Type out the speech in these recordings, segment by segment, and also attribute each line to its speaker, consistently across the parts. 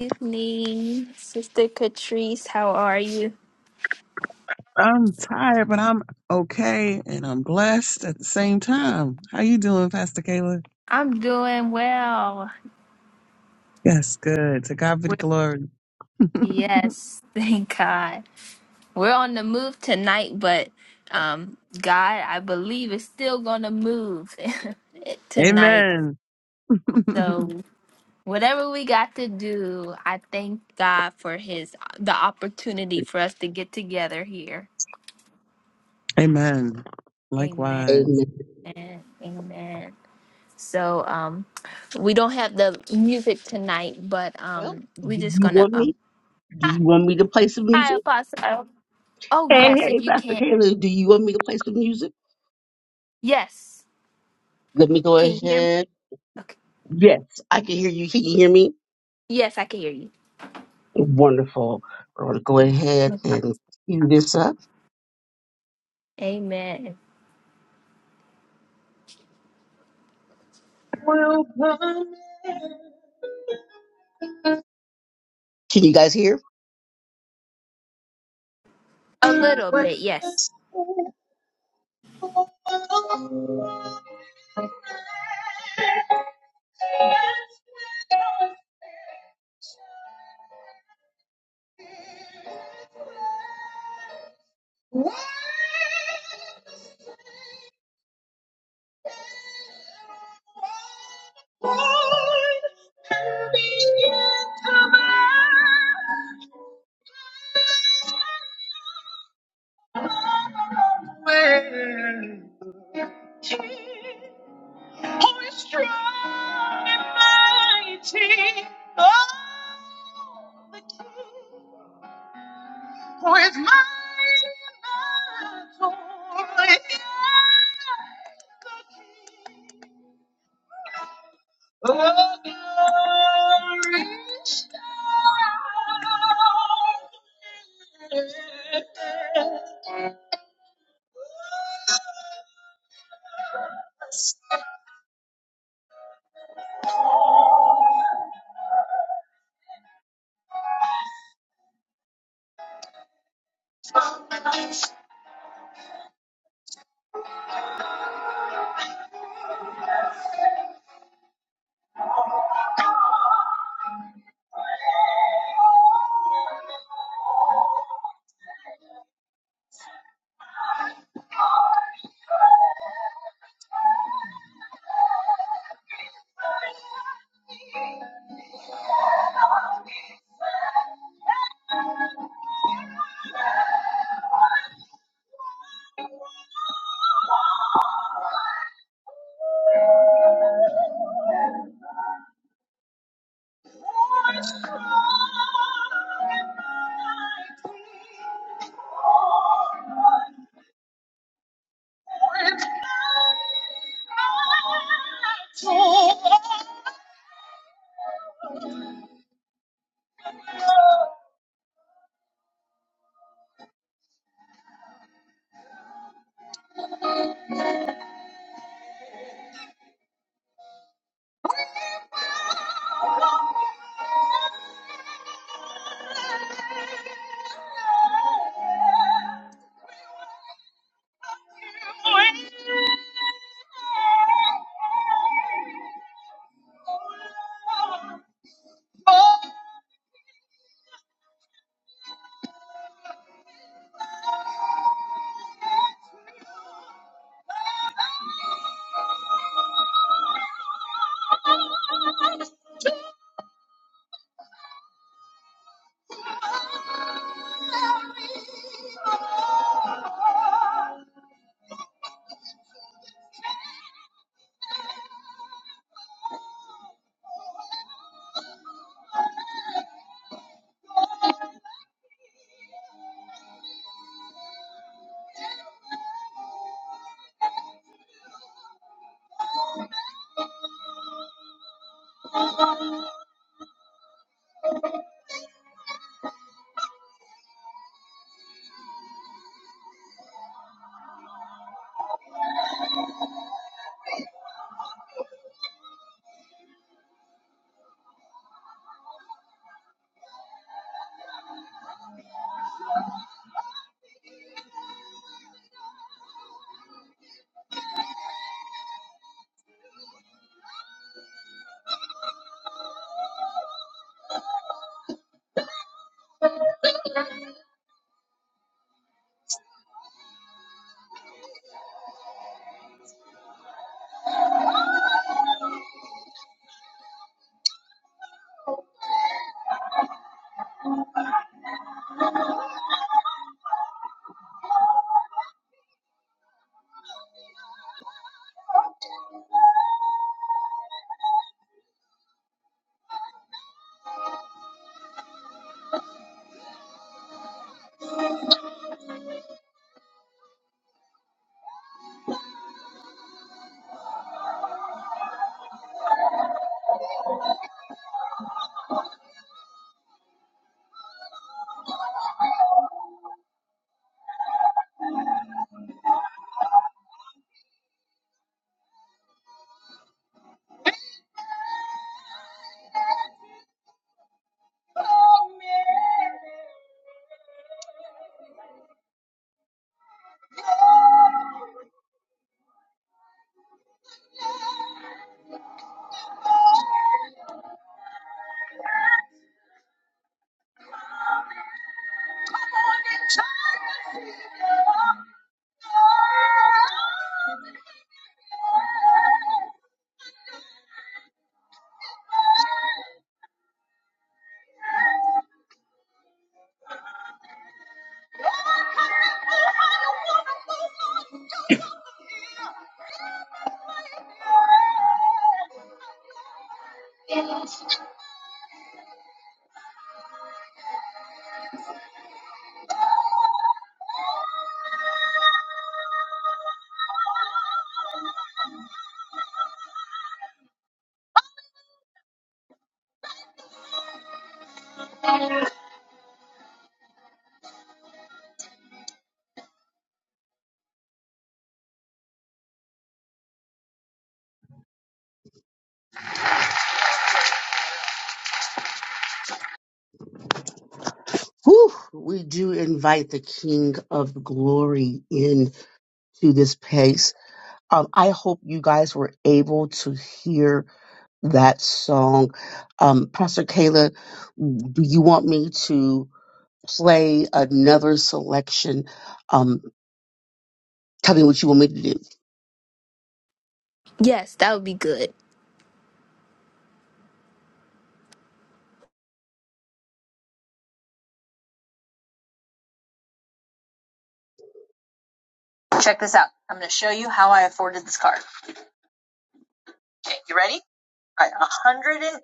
Speaker 1: evening, Sister Catrice. How are you?
Speaker 2: I'm tired, but I'm okay and I'm blessed at the same time. How you doing, Pastor Kayla?
Speaker 1: I'm doing well.
Speaker 2: Yes, good. To God be the glory.
Speaker 1: Yes, thank God. We're on the move tonight, but um, God, I believe, is still going to move tonight.
Speaker 2: Amen.
Speaker 1: So whatever we got to do, I thank God for His the opportunity for us to get together here.
Speaker 2: Amen.
Speaker 1: Amen.
Speaker 2: Likewise.
Speaker 3: Amen.
Speaker 1: Amen. So um, we don't have the music tonight, but
Speaker 3: Well,
Speaker 1: um,
Speaker 3: do
Speaker 1: we're just
Speaker 3: you
Speaker 1: gonna
Speaker 3: want me?
Speaker 1: um.
Speaker 3: Do
Speaker 1: Hi,
Speaker 3: you want me to play some
Speaker 1: hi,
Speaker 3: music?
Speaker 1: Apostle. Oh
Speaker 3: Hey,
Speaker 1: yes,
Speaker 3: hey,
Speaker 1: if you
Speaker 3: Pastor
Speaker 1: can.
Speaker 3: Kayla, do you want me to play some music?
Speaker 1: Yes,
Speaker 3: Let me go
Speaker 1: can you hear me?
Speaker 3: ahead.
Speaker 1: Okay.
Speaker 3: Yes, I can hear you. Can you hear me?
Speaker 1: Yes, I can hear you.
Speaker 3: Wonderful. We're going to go ahead
Speaker 1: No problem.
Speaker 3: and cue this up.
Speaker 1: Amen.
Speaker 3: Welcome. Can you guys hear?
Speaker 1: A little bit, yes.
Speaker 3: Strong and Mighty, oh, the King. For it's mine, for it is the key. Oh, glorious God. Oh, Whew, we do invite the King of Glory in to this place. Um, I hope you guys were able to hear that song. Um, Pastor Kayla, do you want me to play another selection? Um, tell me what you want me to do.
Speaker 1: Yes, that would be good.
Speaker 3: Check this out. I'm going to show you how I afforded this car. Okay, you ready? All right, 180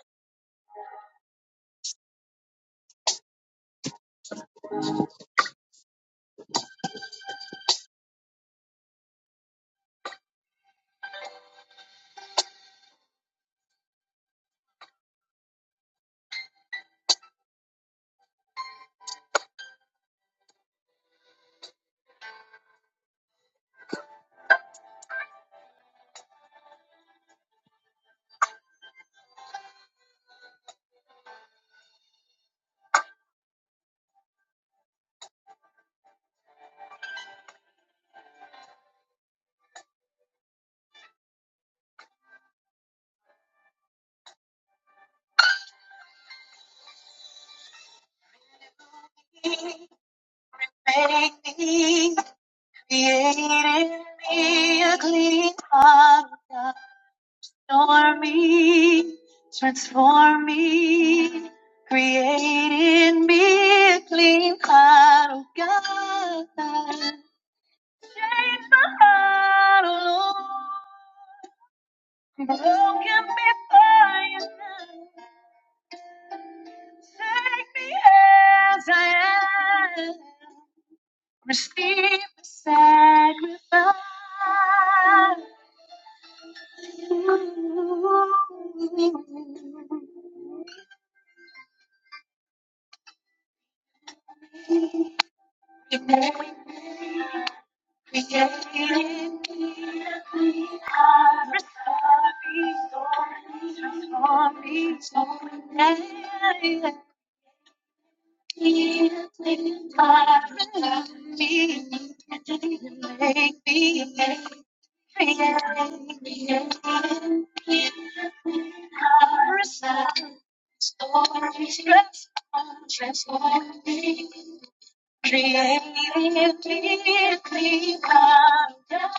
Speaker 3: created me a clean heart. Transform me, transform me, create in me a clean heart, oh God. Change my heart, oh Lord, broken before you now. Take me as I am, receive the sacrifice. Transform me, transform me, Creative, deeply conduct,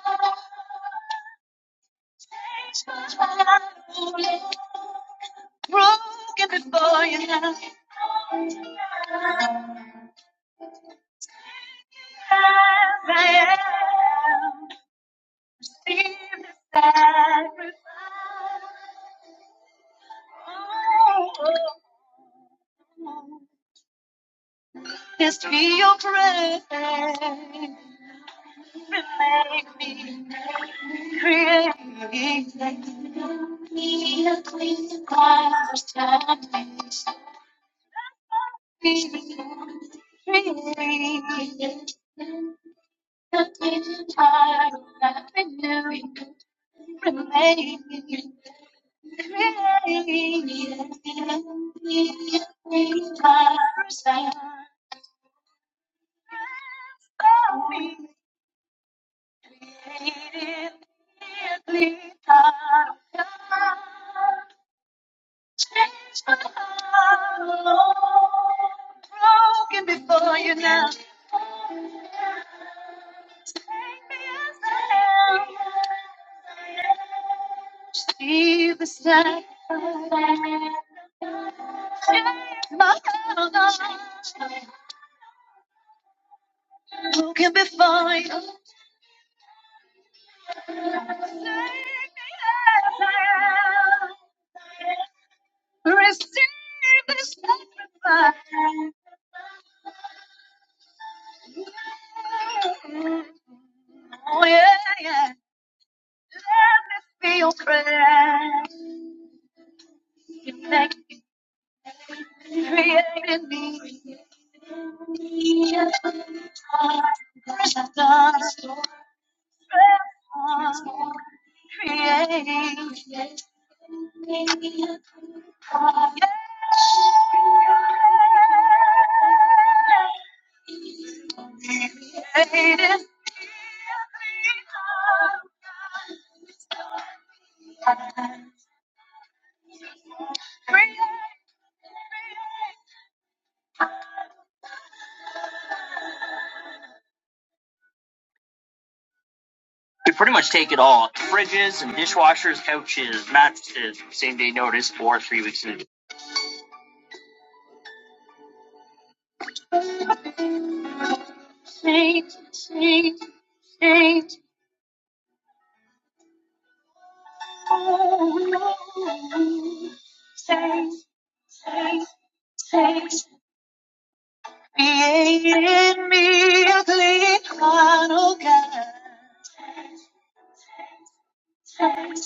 Speaker 3: takes my ruling, broken before you now. As I am, receive the sacrifice. Oh, oh, oh. Yes, be your prayer. Make me create me Be a queen of understanding. Be created, a queen of avenue. Remain created, be a queen of understanding. Created in the time of God, Change my heart Lord. broken Before you now, take me as I am. See the sacrifice. Change My heart who broken before you? Receive the sacrifice. Oh, yeah, yeah. Let this be your prayer. You make me created me. a Christian. Let us create. Let us create. We pretty much take it all. Fridges and dishwashers, couches, mattresses, same day notice or three weeks notice. Saint, saint, saint, oh no. Saint, saint, saint, create in me a clean heart, oh God. Saint, saint,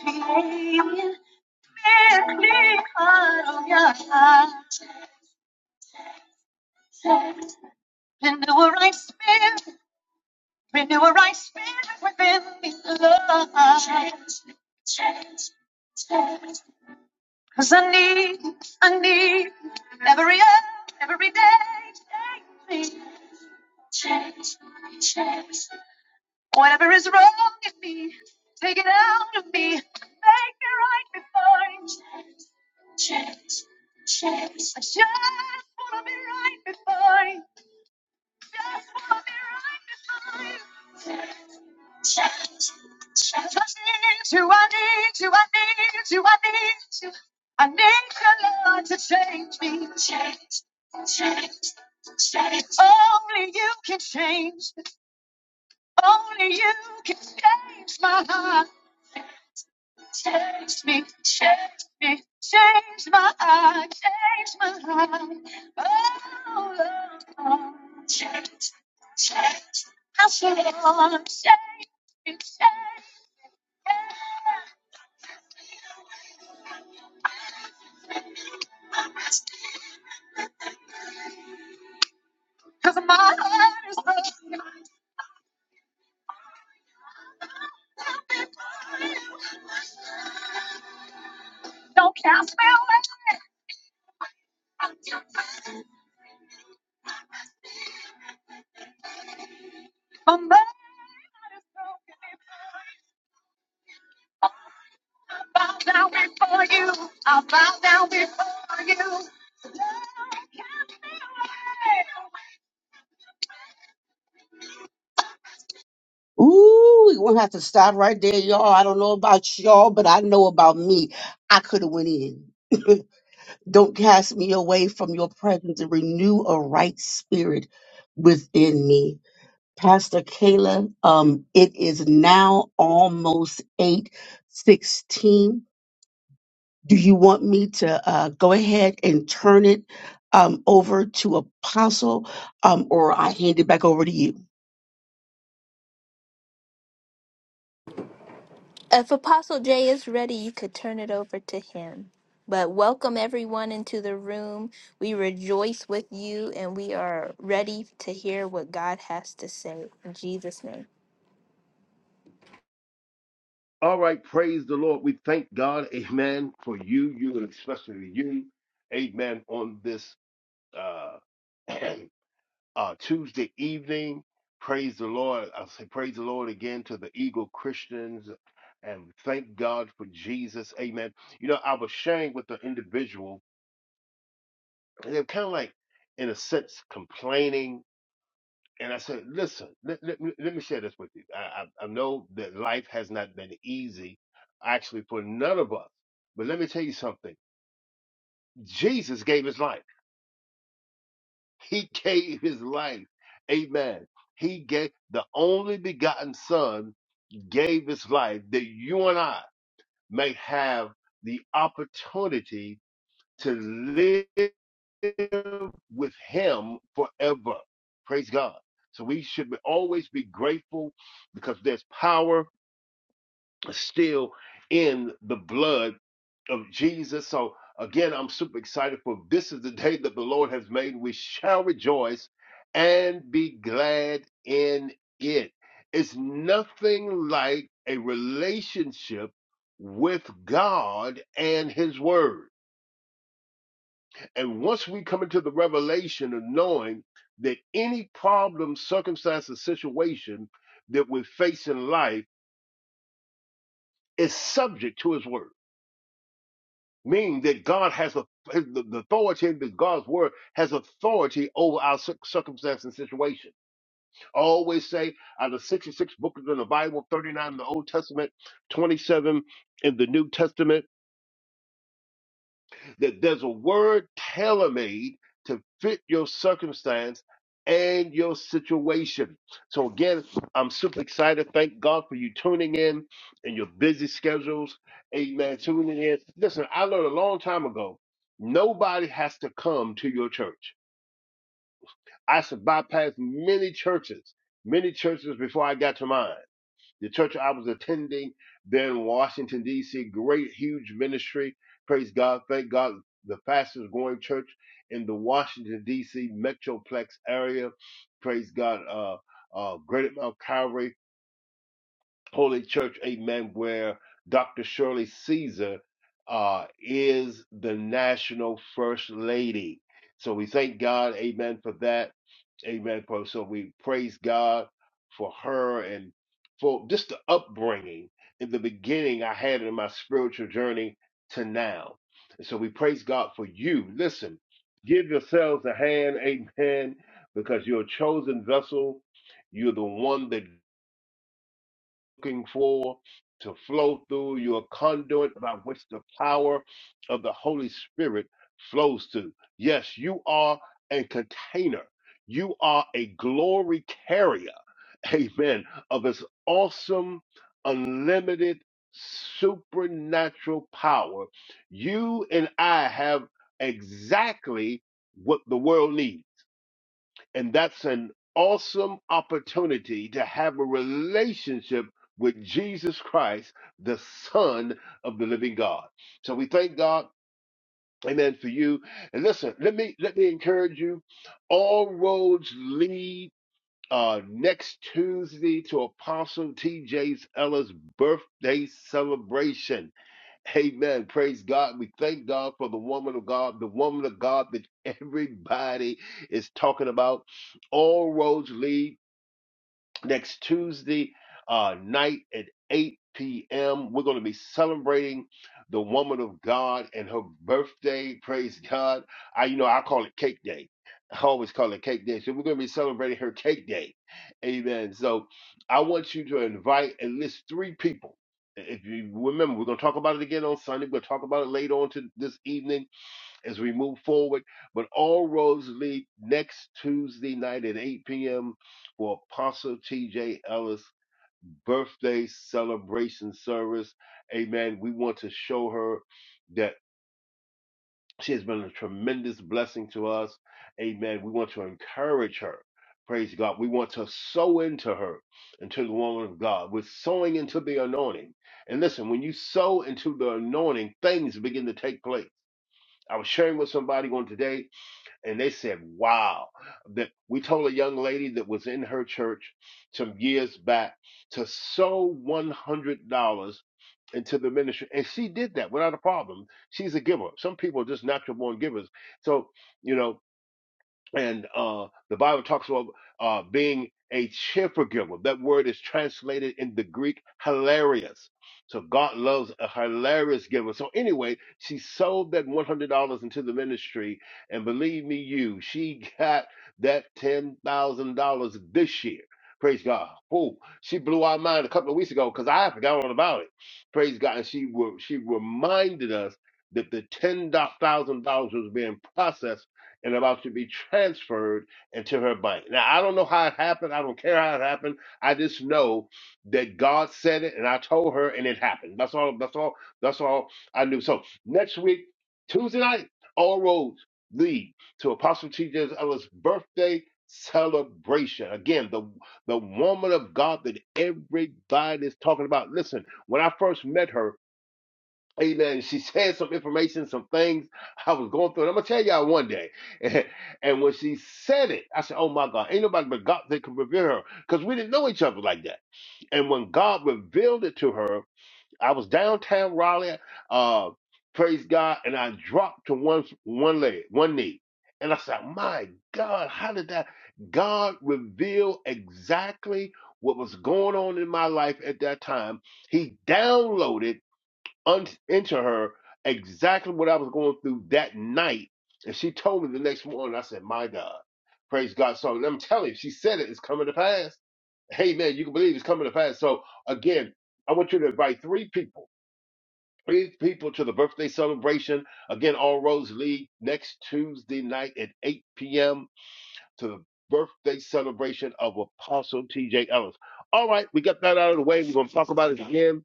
Speaker 3: create in me a clean heart, oh God. Saint, and do a right spirit Renew a right spirit within me, Lord. Change, change, change. Cause I need, I need every hour, every day. take me. Whatever is wrong in me, take it out of me. Make me right before you. I just wanna be right before you. Just wanna be right before you. Change, I just need you, I need you, I need you, I need you. I need your Lord to change me. Change, change, change. Only you can change. Only you can change my heart. Change me, change me, change my heart, change my heart. Oh, Lord, oh. change, change. I said, Lord, change, change. Cause my heart is broken. Don't cast me away from the I'll bow down before you. I'll bow down before you. Ooh, we're gonna have to stop right there, y'all. I don't know about y'all, but I know about me. I could have went in. don't cast me away from your presence and renew a right spirit within me. Pastor Kayla, um, it is now almost eight sixteen. Do you want me to uh, go ahead and turn it um, over to Apostle, um, or I hand it back over to you?
Speaker 1: If Apostle Jay is ready, you could turn it over to him. But welcome everyone into the room. We rejoice with you, and we are ready to hear what God has to say in Jesus' name.
Speaker 4: All right, praise the Lord. We thank God, amen, for you, you, and especially you, amen, on this uh, uh, Tuesday evening. Praise the Lord. I say praise the Lord again to the Eagle Christians and thank God for Jesus, amen. You know, I was sharing with the individual, and they're kind of like, in a sense, complaining and I said, listen, let, let, me- let me share this with you. I, I, I know that life has not been easy, actually, for none of us. But let me tell you something. Jesus gave his life. He gave his life. Amen. He gave the only begotten son gave his life that you and I may have the opportunity to live with him forever. Praise God. So we should be- always be grateful because there's power still in the blood of Jesus. So again, I'm super excited for this is the day that the Lord has made. We shall rejoice and be glad in it. It's nothing like a relationship with God and his word. And once we come into the revelation of knowing that any problem, circumstance, or situation that we face in life is subject to His Word, meaning that God has a, the the authority, and that God's Word has authority over our cir- circumstance and situation. I always say out of 66 books in the Bible, 39 in the Old Testament, 27 in the New Testament that there's a word tailor-made to fit your circumstance and your situation. So again, I'm super excited. Thank God for you tuning in and your busy schedules. Amen. Tuning in. Listen, I learned a long time ago, nobody has to come to your church. I should bypass many churches, many churches before I got to mine. The church I was attending there in Washington, D.C., great, huge ministry. Praise God. Thank God. The fastest growing church in the Washington, D.C. metroplex area. Praise God. Uh, uh, Great Mount Calvary Holy Church. Amen. Where Dr. Shirley Caesar uh, is the national first lady. So we thank God. Amen. For that Amen. So we praise God for her and for just the upbringing in the beginning I had it in my spiritual journey to now. And so we praise God for you. Listen, give yourselves a hand, amen, because you're a chosen vessel. You're the one that looking for to flow through your conduit by which the power of the Holy Spirit flows to. Yes, you are a container. You are a glory carrier, amen, of his awesome, unlimited, supernatural power. You and I have exactly what the world needs. And that's an awesome opportunity to have a relationship with Jesus Christ, the Son of the living God. So we thank God. Amen for you. And listen, let me let me encourage you. All roads lead uh, next Tuesday to Apostle T.J. Ellis' birthday celebration. Amen. Praise God. We thank God for the woman of God, the woman of God that everybody is talking about. All roads lead next Tuesday uh, night at 8 p.m. We're going to be celebrating the woman of God and her birthday. Praise God. I, you know, I call it cake day. I always call it cake day. So we're going to be celebrating her cake day. Amen. So I want you to invite at least three people. If you remember, we're going to talk about it again on Sunday. We're going to talk about it later on to this evening as we move forward. But all roads lead next Tuesday night at 8 p.m. for Apostle TJ Ellis birthday celebration service. Amen. We want to show her that she has been a tremendous blessing to us. Amen. We want to encourage her. Praise God. We want to sow into her, into the woman of God. We're sowing into the anointing. And listen, when you sow into the anointing, things begin to take place. I was sharing with somebody on today and they said, "Wow!" That we told a young lady that was in her church some years back to sow one hundred dollars into the ministry, and she did that without a problem. She's a giver. Some people are just natural born givers. So you know and uh, the Bible talks about uh, being a cheerful giver. That word is translated in the Greek hilarious. So God loves a hilarious giver. So anyway, she sold that one hundred dollars into the ministry, and believe me, you, she got that ten thousand dollars this year. Praise God. Oh, she blew our mind a couple of weeks ago because I forgot all about it. Praise God. And she were, she reminded us that the ten thousand dollars was being processed and about to be transferred into her bank. Now, I don't know how it happened. I don't care how it happened. I just know that God said it and I told her and it happened. That's all that's all that's all I knew. So next week, Tuesday night, all roads lead to Apostle T.J. Ellis' birthday celebration. Again, the the woman of God that everybody is talking about. Listen, when I first met her, Amen. She shared some information, some things I was going through. And I'm gonna tell y'all one day. And when she said it, I said, "Oh my God, ain't nobody but God that can reveal her," because we didn't know each other like that. And when God revealed it to her, I was downtown Raleigh, uh, praise God, and I dropped to one one leg, one knee, and I said, "My God, how did that?" God revealed exactly what was going on in my life at that time. He downloaded un- into her exactly what I was going through that night. And she told me the next morning, I said, My God, praise God. So I'm telling you, she said it, it's coming to pass. Hey, man, you can believe it's coming to pass. So again, I want you to invite three people, three people to the birthday celebration. Again, All Roads League next Tuesday night at 8 p.m to the birthday celebration of Apostle T.J. Ellis. All right, we got that out of the way. We're going to talk about it again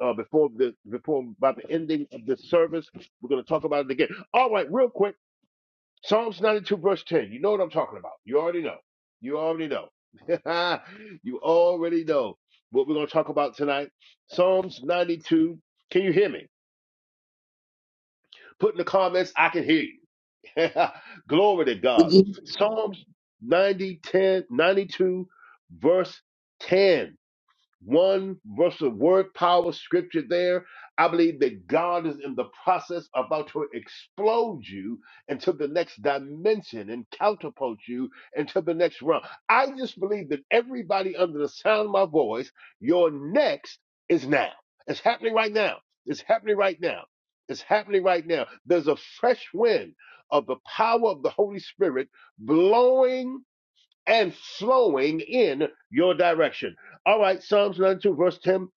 Speaker 4: uh, before the before by the ending of this service. We're going to talk about it again. All right, real quick, Psalms 92 verse 10. You know what I'm talking about. You already know. You already know. you already know what we're going to talk about tonight. Psalms 92. Can you hear me? Put in the comments. I can hear you. Glory to God. Psalms 90 10 92, verse 10 one verse of word power scripture there. I believe that God is in the process about to explode you into the next dimension and catapult you into the next realm. I just believe that everybody under the sound of my voice, your next is now. It's happening right now. It's happening right now. It's happening right now. There's a fresh wind of the power of the Holy Spirit blowing and flowing in your direction. All right, Psalms 92, verse 10.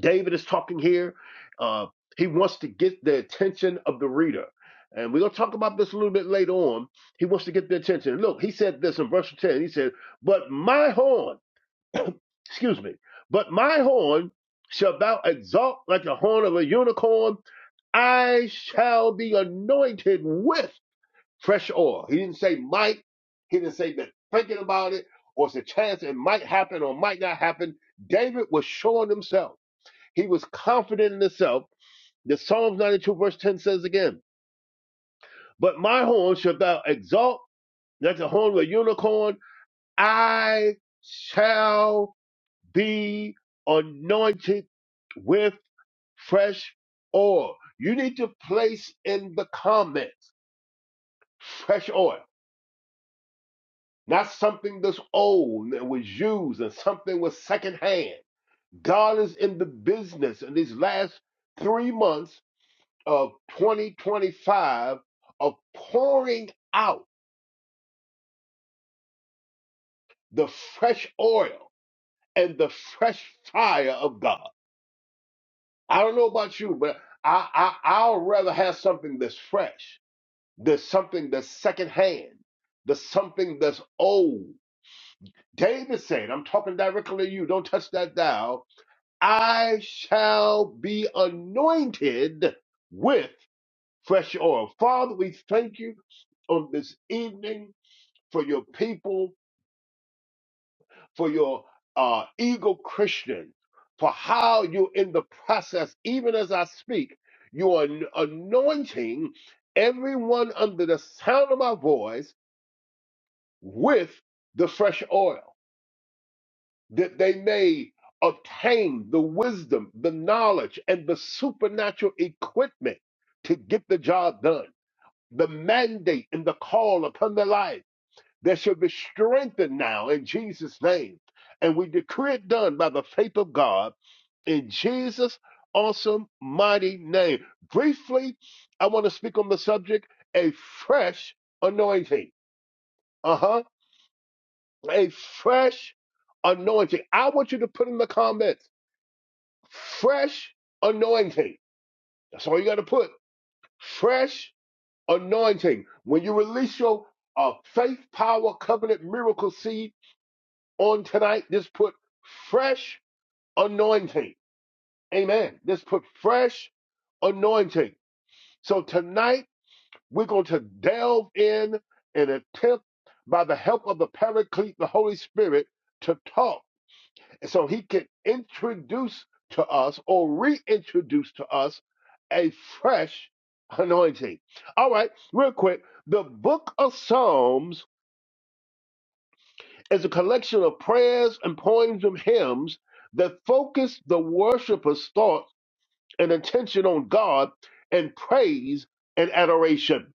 Speaker 4: David is talking here. Uh, he wants to get the attention of the reader. And we're going to talk about this a little bit later on. He wants to get the attention. Look, he said this in verse 10. He said, But my horn, excuse me, but my horn shall thou exalt like the horn of a unicorn. I shall be anointed with fresh oil. He didn't say might. He didn't say that thinking about it or it's a chance it might happen or might not happen. David was showing himself. He was confident in himself. The Psalms 92 verse 10 says again, but my horn shalt thou exalt, like the horn of a unicorn. I shall be anointed with fresh oil. You need to place in the comments fresh oil. not something that's old and was used and something was secondhand. God is in the business in these last three months of 2025 of pouring out the fresh oil and the fresh fire of God. I don't know about you, but I, I I'll rather have something that's fresh, that's something that's secondhand, that's something that's old. David said, I'm talking directly to you, don't touch that dial I shall be anointed with fresh oil. Father, we thank you on this evening for your people, for your uh, eagle Christian, for how you're in the process, even as I speak, you are an- anointing everyone under the sound of my voice with the fresh oil. that they may obtain the wisdom, the knowledge, and the supernatural equipment to get the job done. The mandate and the call upon their life that shall be strengthened now in Jesus' name. And we decree it done by the faith of God in Jesus' awesome, mighty name. Briefly, I want to speak on the subject a fresh anointing. Uh huh. A fresh anointing. I want you to put in the comments Fresh anointing. That's all you got to put. Fresh anointing. When you release your uh, faith, power, covenant, miracle seed on tonight, just put fresh anointing. Amen. Just put fresh anointing. So tonight, we're going to delve in and attempt by the help of the Paraclete, the Holy Spirit, to talk And so he can introduce to us or reintroduce to us a fresh anointing. All right, real quick. The book of Psalms is a collection of prayers and poems and hymns that focus the worshiper's thought and attention on God and praise and adoration.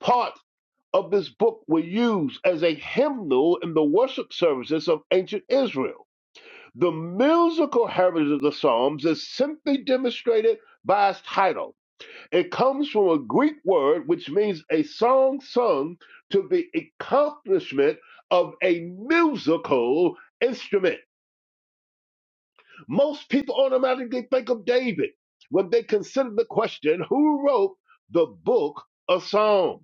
Speaker 4: Part of this book were used as a hymnal in the worship services of ancient Israel. The musical heritage of the Psalms is simply demonstrated by its title. It comes from a Greek word which means a song sung to the accomplishment of a musical instrument. Most people automatically think of David when they consider the question who wrote the book of Psalms?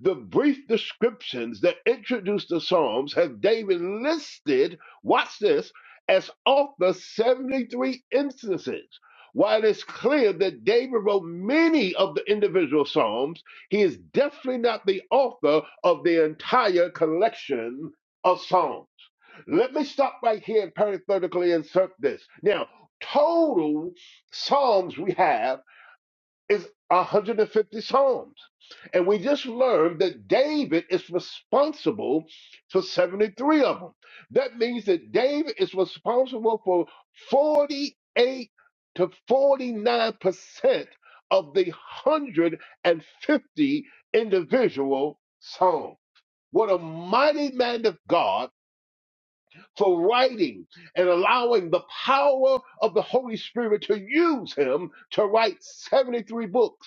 Speaker 4: The brief descriptions that introduce the Psalms have David listed, watch this, as author 73 instances. While it's clear that David wrote many of the individual Psalms, he is definitely not the author of the entire collection of Psalms. Let me stop right here and parenthetically insert this. Now, total Psalms we have is 150 Psalms. And we just learned that David is responsible for 73 of them. That means that David is responsible for 48 to 49% of the 150 individual Psalms. What a mighty man of God for writing and allowing the power of the Holy Spirit to use him to write 73 books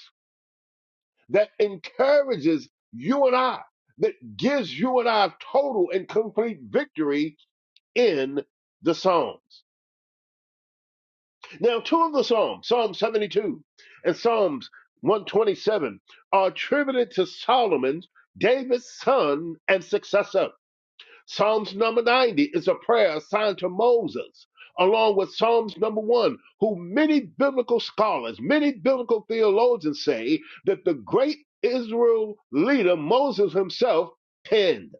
Speaker 4: that encourages you and I, that gives you and I total and complete victory in the Psalms. Now, two of the Psalms, Psalm 72 and Psalms 127, are attributed to Solomon, David's son and successor. Psalms number 90 is a prayer assigned to Moses, along with Psalms number 1, who many biblical scholars, many biblical theologians say that the great Israel leader Moses himself penned.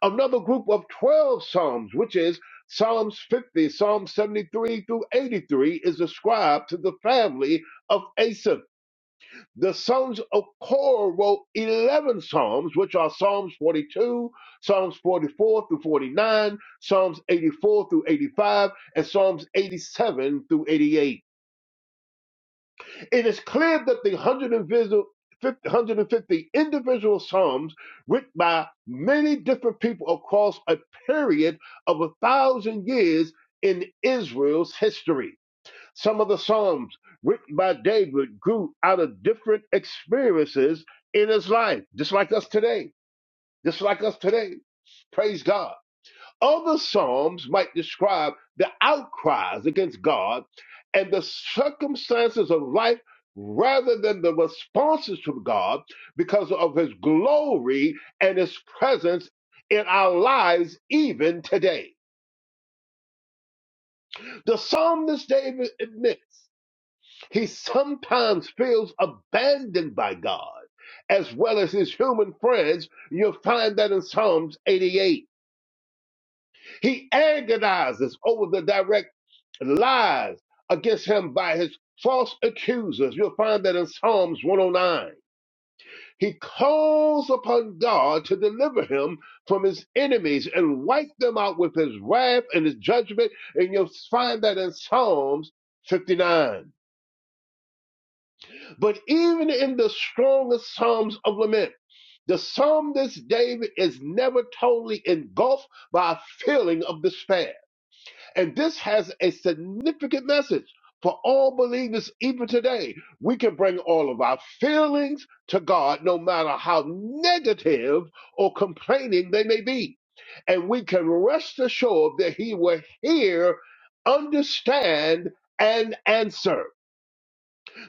Speaker 4: Another group of 12 Psalms, which is Psalms 50, Psalms 73 through 83, is ascribed to the family of Asaph. The sons of Korah wrote 11 psalms, which are Psalms 42, Psalms 44 through 49, Psalms 84 through 85, and Psalms 87 through 88. It is clear that the 150 individual psalms written by many different people across a period of a thousand years in Israel's history. Some of the Psalms written by David grew out of different experiences in his life, just like us today. Just like us today. Praise God. Other Psalms might describe the outcries against God and the circumstances of life rather than the responses from God because of his glory and his presence in our lives even today. The psalmist David admits. He sometimes feels abandoned by God as well as his human friends. You'll find that in Psalms 88. He agonizes over the direct lies against him by his false accusers. You'll find that in Psalms 109. He calls upon God to deliver him from his enemies and wipe them out with his wrath and his judgment. And you'll find that in Psalms 59. But even in the strongest Psalms of lament, the psalmist David is never totally engulfed by a feeling of despair. And this has a significant message for all believers, even today. We can bring all of our feelings to God, no matter how negative or complaining they may be. And we can rest assured that He will hear, understand, and answer.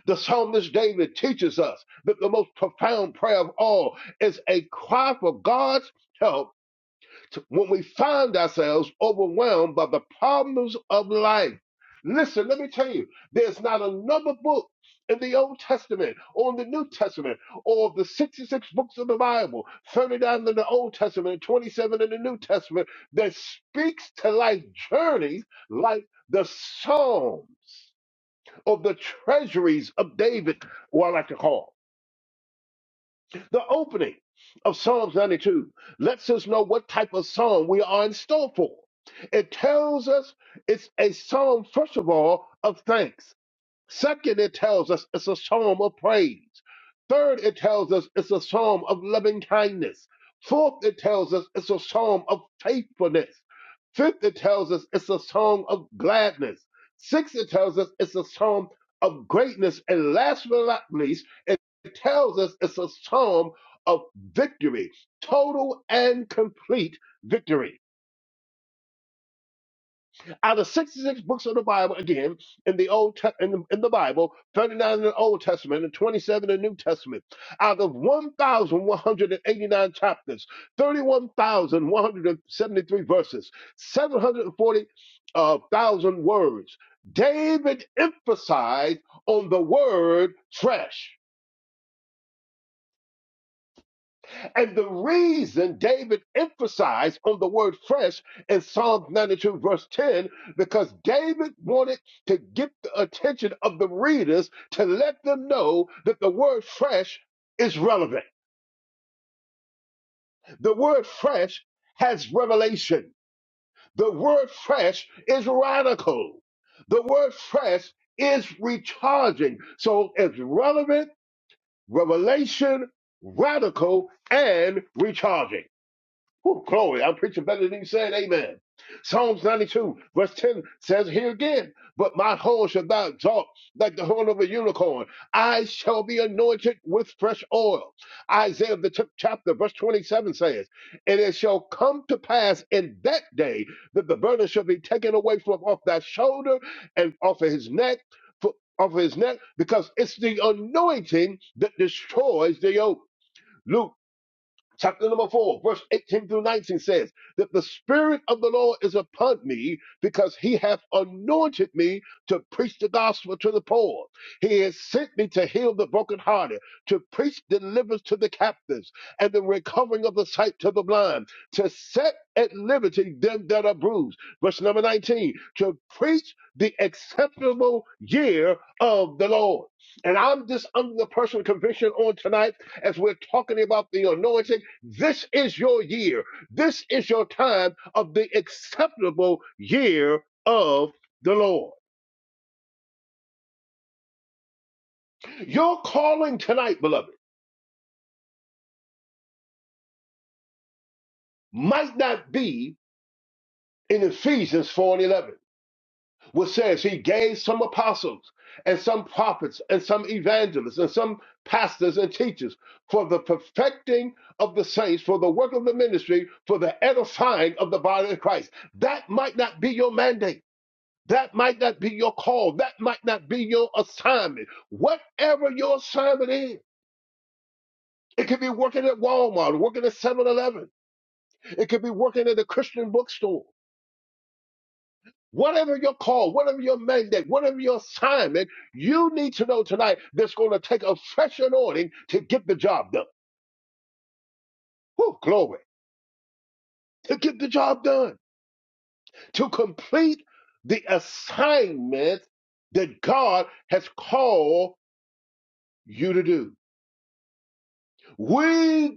Speaker 4: The psalmist David teaches us that the most profound prayer of all is a cry for God's help when we find ourselves overwhelmed by the problems of life. Listen, let me tell you, there's not another book in the Old Testament or in the New Testament or of the 66 books of the Bible, 39 in the Old Testament and 27 in the New Testament, that speaks to life journeys like the Psalms of the treasuries of David, or I like to call. The opening of Psalms 92 lets us know what type of psalm we are in store for. It tells us it's a psalm, first of all, of thanks. Second, it tells us it's a psalm of praise. Third, it tells us it's a psalm of loving kindness. Fourth, it tells us it's a psalm of faithfulness. Fifth, it tells us it's a psalm of gladness. Sixth, it tells us it's a psalm of greatness. And last but not least, it tells us it's a psalm of victory, total and complete victory. Out of 66 books of the Bible, again, in the Old Te- in, the, in the Bible, 39 in the Old Testament and 27 in the New Testament, out of 1,189 chapters, 31,173 verses, 740,000 uh, thousand words, David emphasized on the word trash. And the reason David emphasized on the word fresh in Psalm 92, verse 10, because David wanted to get the attention of the readers to let them know that the word fresh is relevant. The word fresh has revelation. The word fresh is radical. The word fresh is recharging. So it's relevant, revelation, radical, and recharging. Whew, glory. I'm preaching better than he said. Amen. Psalms 92, verse 10 says here again, But my horn shall thou exalt like the horn of a unicorn. I shall be anointed with fresh oil. Isaiah, the 10th chapter, verse 27 says, And it shall come to pass in that day that the burden shall be taken away from off thy shoulder and off of his neck. for- Off of his neck, because it's the anointing that destroys the yoke. Luke chapter number 4, verse 18 through 19 says that the Spirit of the Lord is upon me because he hath anointed me to preach the gospel to the poor. He has sent me to heal the brokenhearted, to preach deliverance to the captives, and the recovering of the sight to the blind, to set at liberty them that are bruised. Verse number 19, to preach the acceptable year of the Lord. And I'm just under the personal conviction on tonight as we're talking about the anointing, this is your year. This is your time of the acceptable year of the Lord. Your calling tonight, beloved, might not be in Ephesians 4 and 11, which says he gave some apostles and some prophets and some evangelists and some pastors and teachers for the perfecting of the saints, for the work of the ministry, for the edifying of the body of Christ. That might not be your mandate. That might not be your call. That might not be your assignment. Whatever your assignment is, it could be working at Walmart, working at Seven Eleven, It could be working at a Christian bookstore. Whatever your call, whatever your mandate, whatever your assignment, you need to know tonight that's going to take a fresh anointing to get the job done. Whew, glory. To get the job done, to complete the assignment that God has called you to do. We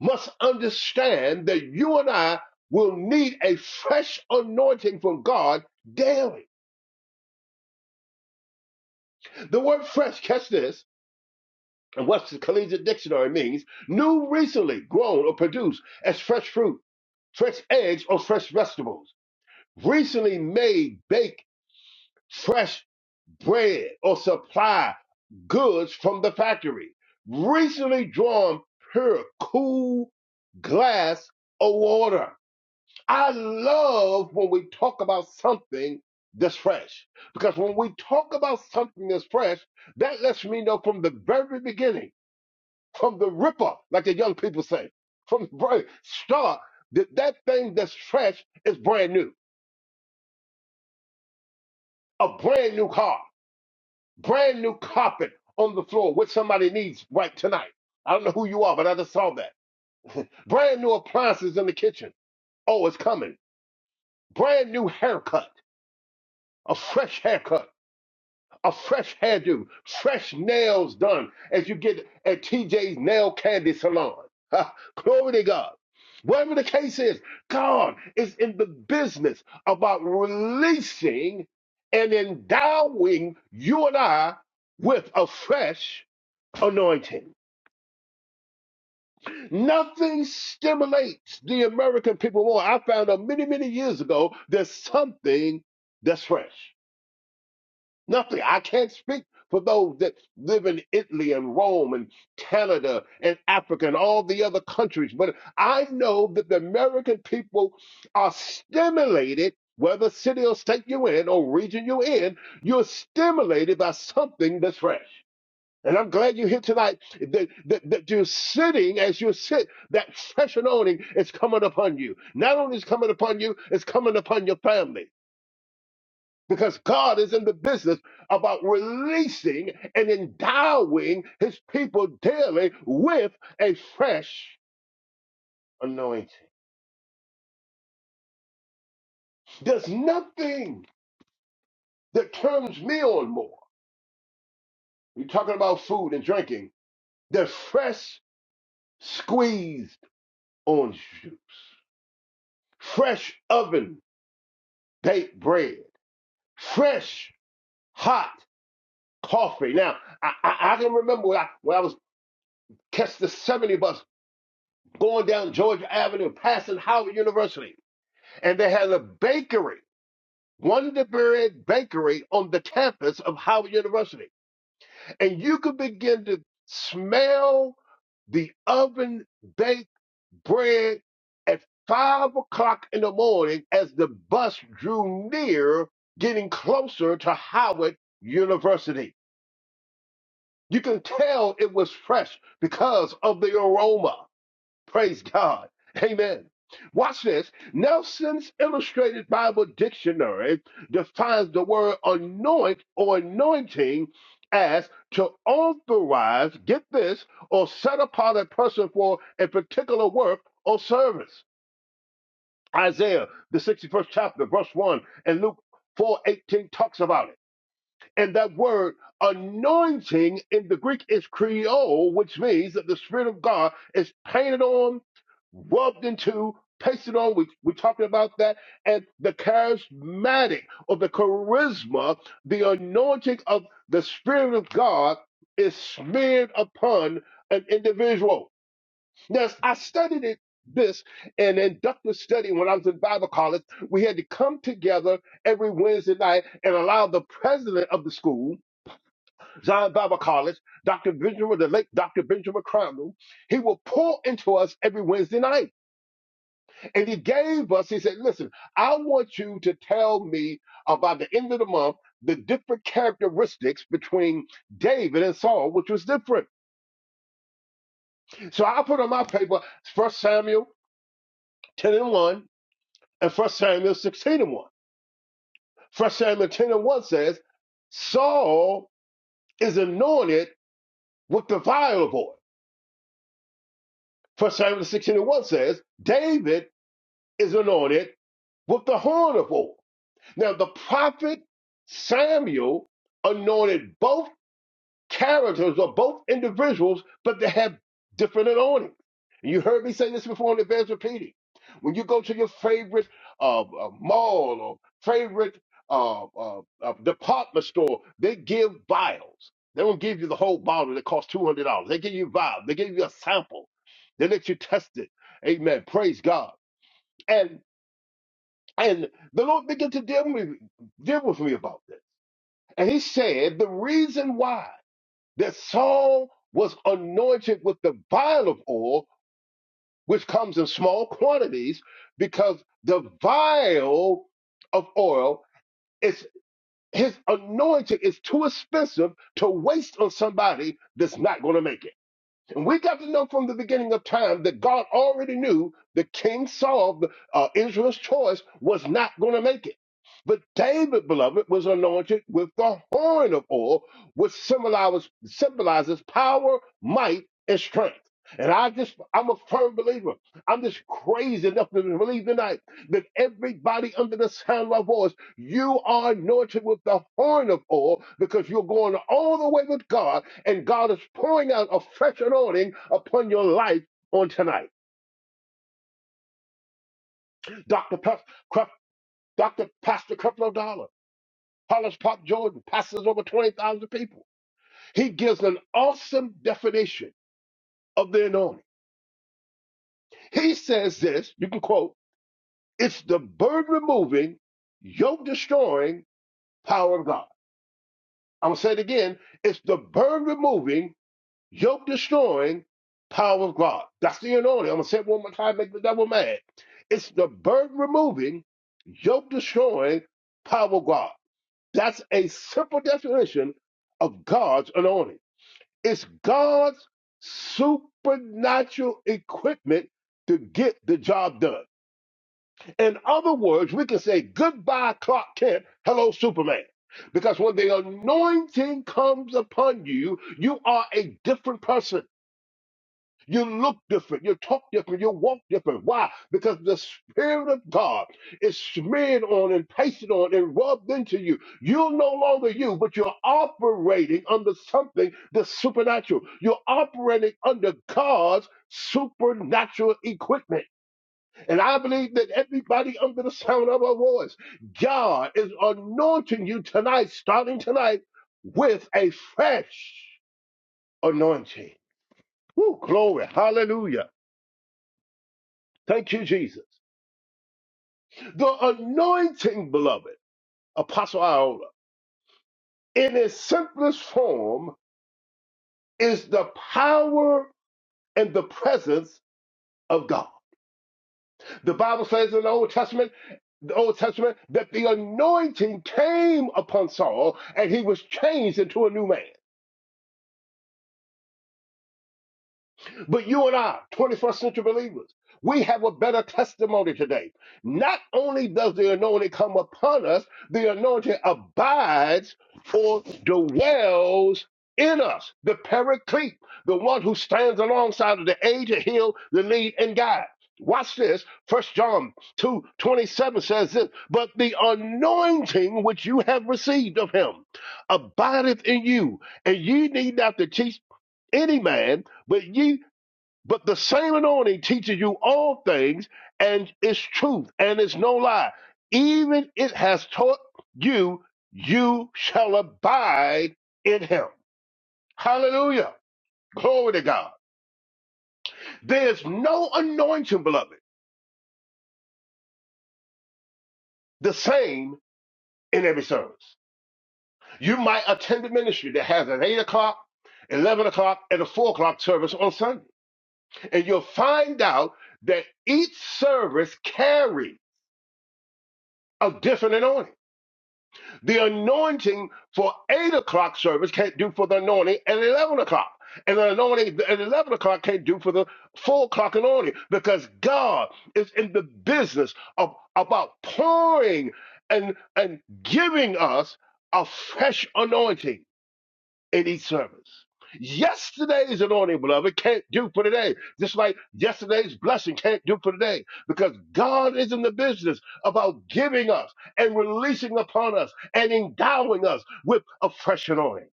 Speaker 4: must understand that you and I will need a fresh anointing from God daily. The word fresh, catch this, and what's the collegiate dictionary means new, recently grown or produced as fresh fruit, fresh eggs, or fresh vegetables, recently made, baked, fresh bread, or supply goods from the factory, recently drawn pure, cool glass or water I love when we talk about something that's fresh. Because when we talk about something that's fresh, that lets me know from the very beginning, from the ripper, like the young people say, from the very start, that that thing that's fresh is brand new. A brand new car, brand new carpet on the floor, which somebody needs right tonight. I don't know who you are, but I just saw that. Brand new appliances in the kitchen. Oh, it's coming. Brand new haircut, a fresh haircut a fresh hairdo, fresh nails done as you get at TJ's Nail Candy Salon. Ha, Glory to God. Whatever the case is, God is in the business about releasing and endowing you and I with a fresh anointing. Nothing stimulates the American people more. I found out many, many years ago there's something that's fresh. Nothing. I can't speak for those that live in Italy and Rome and Canada and Africa and all the other countries, but I know that the American people are stimulated, whether city or state you're in or region you're in, you're stimulated by something that's fresh. And I'm glad you're here tonight that, that, that you're sitting as you sit, that fresh anointing is coming upon you. Not only is it coming upon you, it's coming upon your family because God is in the business about releasing and endowing his people daily with a fresh anointing. There's nothing that turns me on more. You're talking about food and drinking. The fresh squeezed orange juice, fresh oven baked bread, fresh hot coffee. Now, I, I, I can remember when I, when I was catch the 70 bus going down Georgia Avenue, passing Howard University. and they had a bakery, Wonder Bread Bakery on the campus of Howard University. And you could begin to smell the oven baked bread at five o'clock in the morning as the bus drew near, getting closer to Howard University. You can tell it was fresh because of the aroma. Praise God. Amen. Watch this. Nelson's Illustrated Bible Dictionary defines the word anoint or anointing as to authorize, get this, or set apart a person for a particular work or service. Isaiah, the 61st chapter, verse 1, and Luke 4:18 talks about it. And that word anointing in the Greek is creole, which means that the Spirit of God is painted on, rubbed into, pasted on. We, we talked about that. And the charismatic or the charisma, the anointing of the Spirit of God is smeared upon an individual. Now, I studied it, this in inductive study when I was in Bible college. We had to come together every Wednesday night and allow the president of the school Zion Bible College, Dr. Benjamin, the late Dr. Benjamin Crandall, he will pour into us every Wednesday night. And he gave us, he said, listen, I want you to tell me about the end of the month, the different characteristics between David and Saul, which was different. So I put on my paper First Samuel 10 and 1 and First Samuel 16 and 1. First Samuel 10 and 1 says, Saul is anointed with the vial of oil. First Samuel 16 and 1 says, David is anointed with the horn of oil. Now, the prophet Samuel anointed both characters or both individuals, but they have different anointings. And you heard me say this before in the advance repeating. When you go to your favorite uh, uh, mall or favorite uh, uh, uh, department store, they give vials. They don't give you the whole bottle that costs $200. They give you a vial. They give you a sample. They let you test it. Amen. Praise God. and. And the Lord began to deal with, deal with me about this. And he said, the reason why that Saul was anointed with the vial of oil, which comes in small quantities, because the vial of oil is his anointing is too expensive to waste on somebody that's not going to make it. And we got to know from the beginning of time that God already knew that King Saul, uh, Israel's choice, was not going to make it. But David, beloved, was anointed with the horn of oil, which symbolizes, symbolizes power, might, and strength. And I just, I'm a firm believer. I'm just crazy enough to believe tonight that everybody under the sound of my voice, you are anointed with the horn of oil because you're going all the way with God and God is pouring out a fresh anointing upon your life on tonight. Dr. Pef- Cref- Dr. Pastor Creflo Dollar, Hollis Pop Jordan, pastors over 20,000 people. He gives an awesome definition of the anointing. He says this, you can quote, it's the burden removing, yoke destroying power of God. I'm going to say it again. It's the burden removing, yoke destroying power of God. That's the anointing. I'm gonna say it one more time, make the devil mad. It's the burden removing, yoke destroying power of God. That's a simple definition of God's anointing. It's God's supernatural equipment to get the job done. In other words, we can say goodbye, Clark Kent, hello, Superman. Because when the anointing comes upon you, you are a different person. You look different. You talk different. You walk different. Why? Because the Spirit of God is smeared on and pasted on and rubbed into you. You're no longer you, but you're operating under something that's supernatural. You're operating under God's supernatural equipment. And I believe that everybody under the sound of our voice, God is anointing you tonight, starting tonight, with a fresh anointing. Woo, glory. Hallelujah. Thank you, Jesus. The anointing, beloved, Apostle Iola, in its simplest form, is the power and the presence of God. The Bible says in the Old Testament, the Old Testament, that the anointing came upon Saul and he was changed into a new man. But you and I, 21st century believers, we have a better testimony today. Not only does the anointing come upon us, the anointing abides or dwells in us. The paraclete, the one who stands alongside of the aid to heal, the lead, and guide. Watch this. First John 2 27 says this, but the anointing which you have received of him abideth in you, and ye need not to teach any man, but ye but the same anointing teaches you all things, and it's truth, and it's no lie. Even it has taught you, you shall abide in him. Hallelujah. Glory to God. There's no anointing, beloved, the same in every service. You might attend a ministry that has an 8 o'clock, 11 o'clock, and a 4 o'clock service on Sunday. And you'll find out that each service carries a different anointing. The anointing for 8 o'clock service can't do for the anointing at 11 o'clock. And the anointing at 11 o'clock can't do for the 4 o'clock anointing because God is in the business of about pouring and, and giving us a fresh anointing in each service. Yesterday's anointing, beloved, can't do for today. Just like yesterday's blessing can't do for today. Because God is in the business about giving us and releasing upon us and endowing us with a fresh anointing.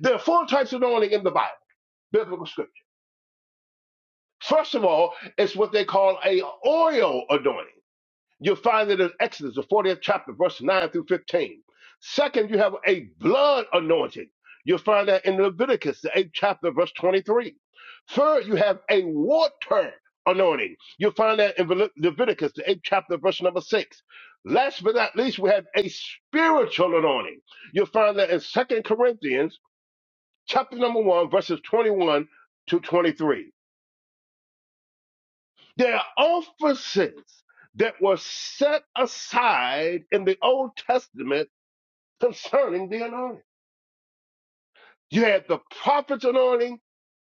Speaker 4: There are four types of anointing in the Bible, biblical scripture. First of all, it's what they call a oil anointing. You'll find it in Exodus, the 40th chapter, verse 9 through 15. Second, you have a blood anointing. You'll find that in Leviticus, the 8th chapter, verse 23. Third, you have a water anointing. You'll find that in Levit- Leviticus, the 8th chapter, verse number 6. Last but not least, we have a spiritual anointing. You'll find that in Second Corinthians, chapter number 1, verses 21 to 23. There are offices that were set aside in the Old Testament concerning the anointing. You had the prophet's anointing,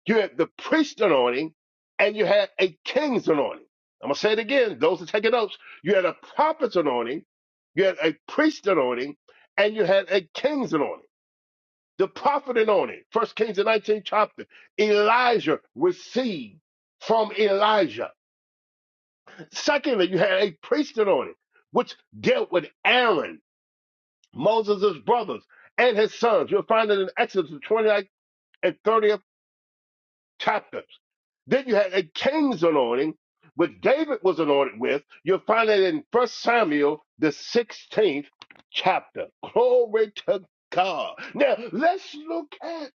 Speaker 4: you had the priest's anointing, and you had a king's anointing. I'm going to say it again, those that taking notes. You had a prophet's anointing, you had a priest's anointing, and you had a king's anointing. The prophet anointing, First Kings, the 19th chapter, Elijah received from Elijah. Secondly, you had a priesthood on it, which dealt with Aaron, Moses' brothers, and his sons. You'll find it in Exodus the twenty ninth and 30th chapters. Then you had a king's anointing, which David was anointed with. You'll find it in First Samuel, the 16th chapter. Glory to God. Now, let's look at,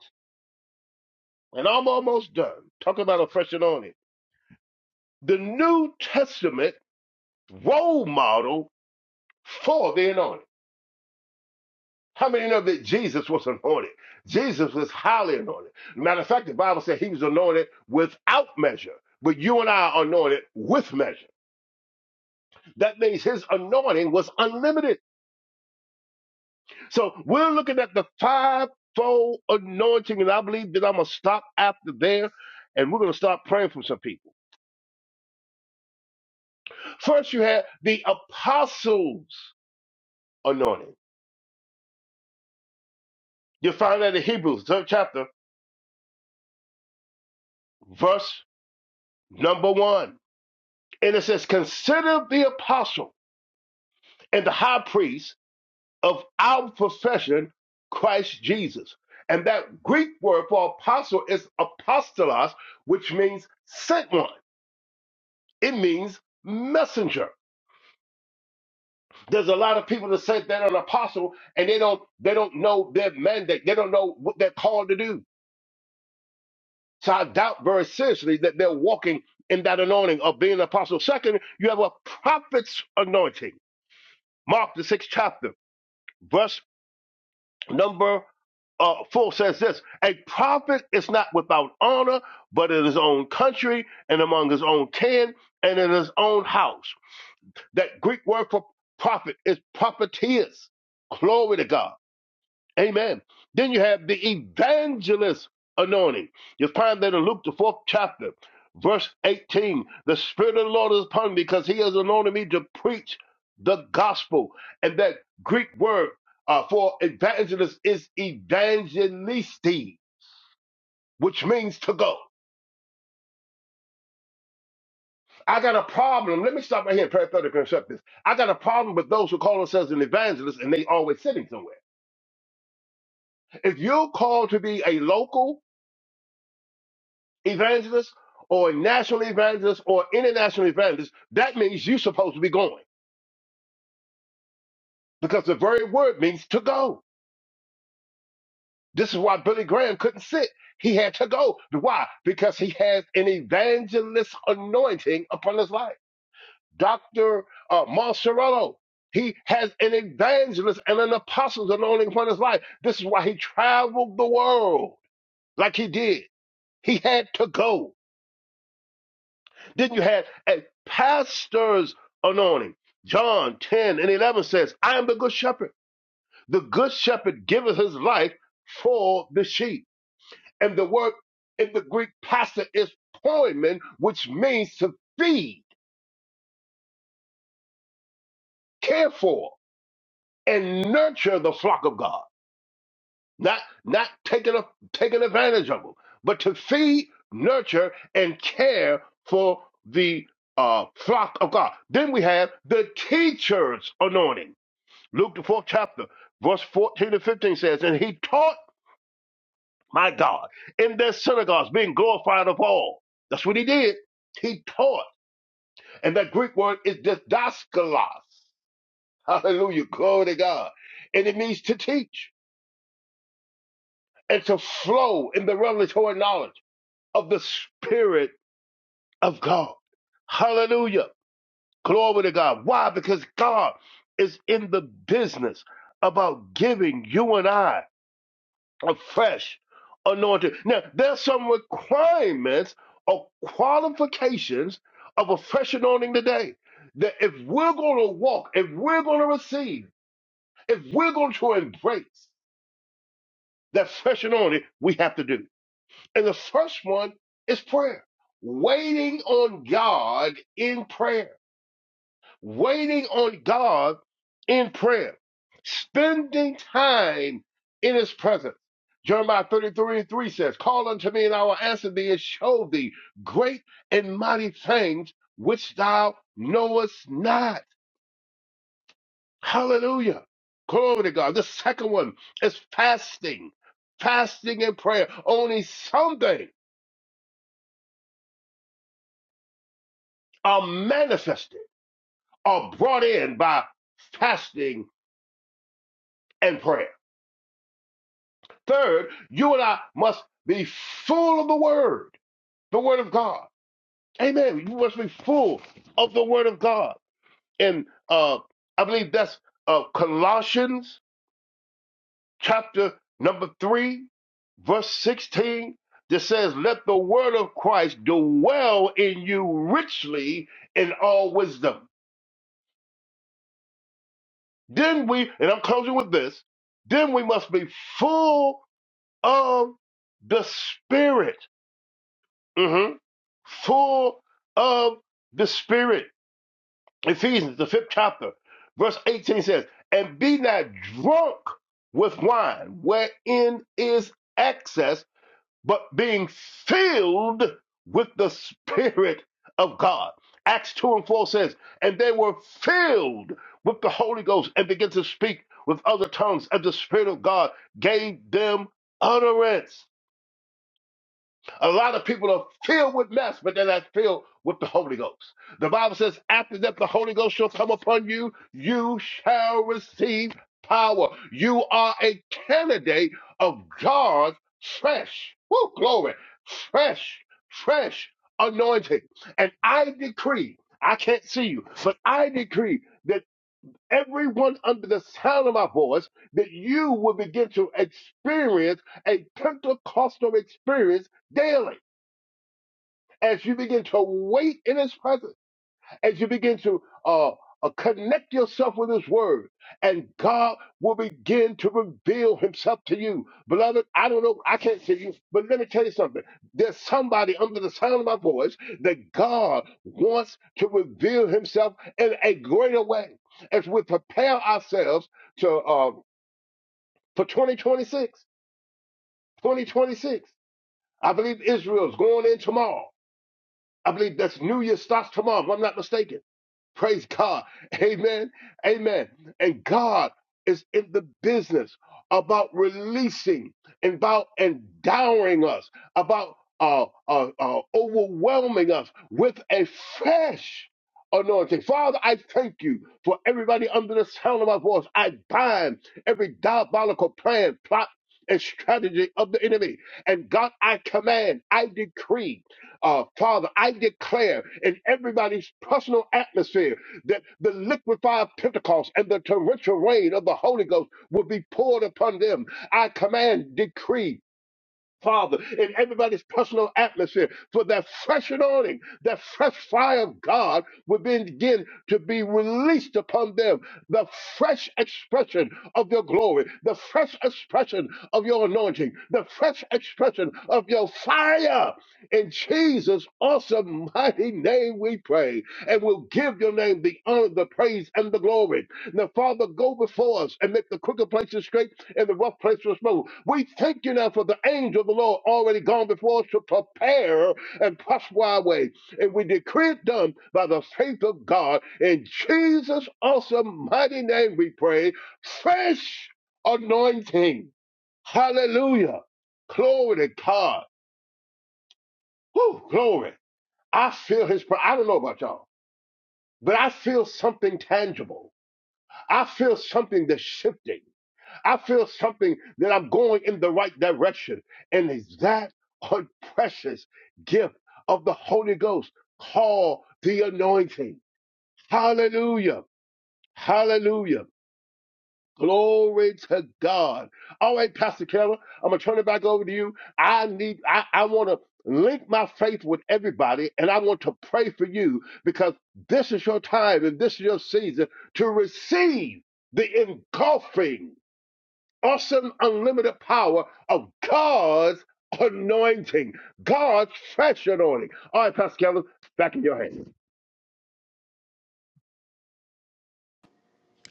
Speaker 4: and I'm almost done, talk about a fresh anointing. The New Testament role model for the anointing. How many know that Jesus was anointed? Jesus was highly anointed. Matter of fact, the Bible said he was anointed without measure, but you and I are anointed with measure. That means his anointing was unlimited. So we're looking at the fivefold anointing, and I believe that I'm going to stop after there, and we're going to start praying for some people. First, you have the apostles' anointing. You find that in Hebrews, third chapter, verse number one. And it says, Consider the apostles and the high priest of our profession, Christ Jesus. And that Greek word for apostle is apostolos, which means sent one. It means messenger. There's a lot of people that say they're an apostle and they don't they don't know their mandate. They don't know what they're called to do. So I doubt very seriously that they're walking in that anointing of being an apostle. Second, you have a prophet's anointing. Mark the sixth chapter, verse Number uh, 4 says this A prophet is not without honor, but in his own country and among his own kin and in his own house. That Greek word for prophet is prophetess. Glory to God. Amen. Then you have the evangelist anointing. You find that in Luke, the fourth chapter, verse 18. The Spirit of the Lord is upon me because he has anointed me to preach the gospel. And that Greek word uh, for evangelist is evangelisti, which means to go. I got a problem. Let me stop right here and parenthetically accept this. I got a problem with those who call themselves an evangelist and they always sitting somewhere. If you're called to be a local evangelist or a national evangelist or international evangelist, that means you're supposed to be going because the very word means to go. This is why Billy Graham couldn't sit. He had to go. Why? Because he has an evangelist anointing upon his life. Dr. Uh, Marcerello, he has an evangelist and an apostle's anointing upon his life. This is why he traveled the world like he did. He had to go. Then you had a pastor's anointing. John 10 and 11 says, I am the good shepherd. The good shepherd giveth his life for the sheep. And the word in the Greek pastor is poimen, which means to feed, care for, and nurture the flock of God. Not, not taking, a, taking advantage of them, but to feed, nurture, and care for the uh, flock of God. Then we have the teacher's anointing Luke, the fourth chapter, verse 14 to 15 says, And he taught, my God, in their synagogues, being glorified of all. That's what he did. He taught. And that Greek word is didaskalos. Hallelujah. Glory to God. And it means to teach and to flow in the revelatory knowledge of the Spirit of God. Hallelujah. Glory to God. Why? Because God is in the business about giving you and I A Fresh anointing. Now, there's some requirements or qualifications of a fresh anointing today that if we're going to walk, if we're going to receive, if we're going to embrace that fresh anointing, we have to do. And the first one is prayer, waiting on God in prayer waiting on God in prayer, spending time in his presence. Jeremiah 33 and 3 says, Call unto me, and I will answer thee and show thee great and mighty things which thou knowest not. Hallelujah. Glory to God. The second one is fasting, fasting and prayer. Only some things are manifested, are brought in by fasting and prayer. Third, you and I must be full of the word, the word of God. Amen. You must be full of the word of God. And uh, I believe that's uh, Colossians chapter number three, verse 16. That says, let the word of Christ dwell in you richly in all wisdom. Then we, and I'm closing with this, then we must be full of the Spirit. Mhm. full of the Spirit. Ephesians, the fifth chapter, verse 18 says, And be not drunk with wine, wherein is excess, but being filled with the Spirit of God. Acts 2 and 4 says, And they were filled with the Holy Ghost and began to speak with other tongues, and the Spirit of God gave them utterance. A lot of people are filled with mess, but they're not filled with the Holy Ghost. The Bible says, after that, the Holy Ghost shall come upon you, you shall receive power. You are a candidate of God's fresh, woo, glory, fresh, fresh anointing. And I decree, I can't see you, but I decree that everyone under the sound of my voice, that you will begin to experience a Pentecostal experience daily as you begin to wait in his presence, as you begin to uh, uh, connect yourself with his word, and God will begin to reveal himself to you. Beloved, I don't know, I can't see you, but let me tell you something. There's somebody under the sound of my voice that God wants to reveal himself in a greater way as we prepare ourselves to uh, for 2026. 2026. I believe Israel's going in tomorrow. I believe that's New Year starts tomorrow, if I'm not mistaken. Praise God. Amen. Amen. And God is in the business about releasing, about endowing us, about uh, uh, uh, overwhelming us with a fresh anointing. Father, I thank you for everybody under the sound of my voice. I bind every diabolical plan, plot, and strategy of the enemy. And God, I command, I decree uh, Father, I declare in everybody's personal atmosphere that the liquefied Pentecost and the torrential rain of the Holy Ghost will be poured upon them. I command, decree, Father, in everybody's personal atmosphere, for that fresh anointing, that fresh fire of God would begin to be released upon them. The fresh expression of your glory, the fresh expression of your anointing, the fresh expression of your fire. In Jesus' awesome mighty name we pray, and we'll give your name the honor, the praise, and the glory. Now, Father, go before us and make the crooked places straight and the rough places smooth. We thank you now for the angel of the Lord already gone before us to prepare and prosper our way. And we decree it done by the faith of God. In Jesus' awesome mighty name we pray. Fresh anointing. Hallelujah. Glory to God. Whew, glory. I feel his pre- I don't know about y'all, but I feel something tangible. I feel something that's shifting. I feel something that I'm going in the right direction. And is that a precious gift of the Holy Ghost called the anointing? Hallelujah. Hallelujah. Glory to God. All right, Pastor Kara, I'm gonna turn it back over to you. I need I, I wanna link my faith with everybody and I want to pray for you because this is your time and this is your season to receive the engulfing awesome, unlimited power of God's anointing, God's fresh anointing. All right, Pastor Kevin, back in your hands.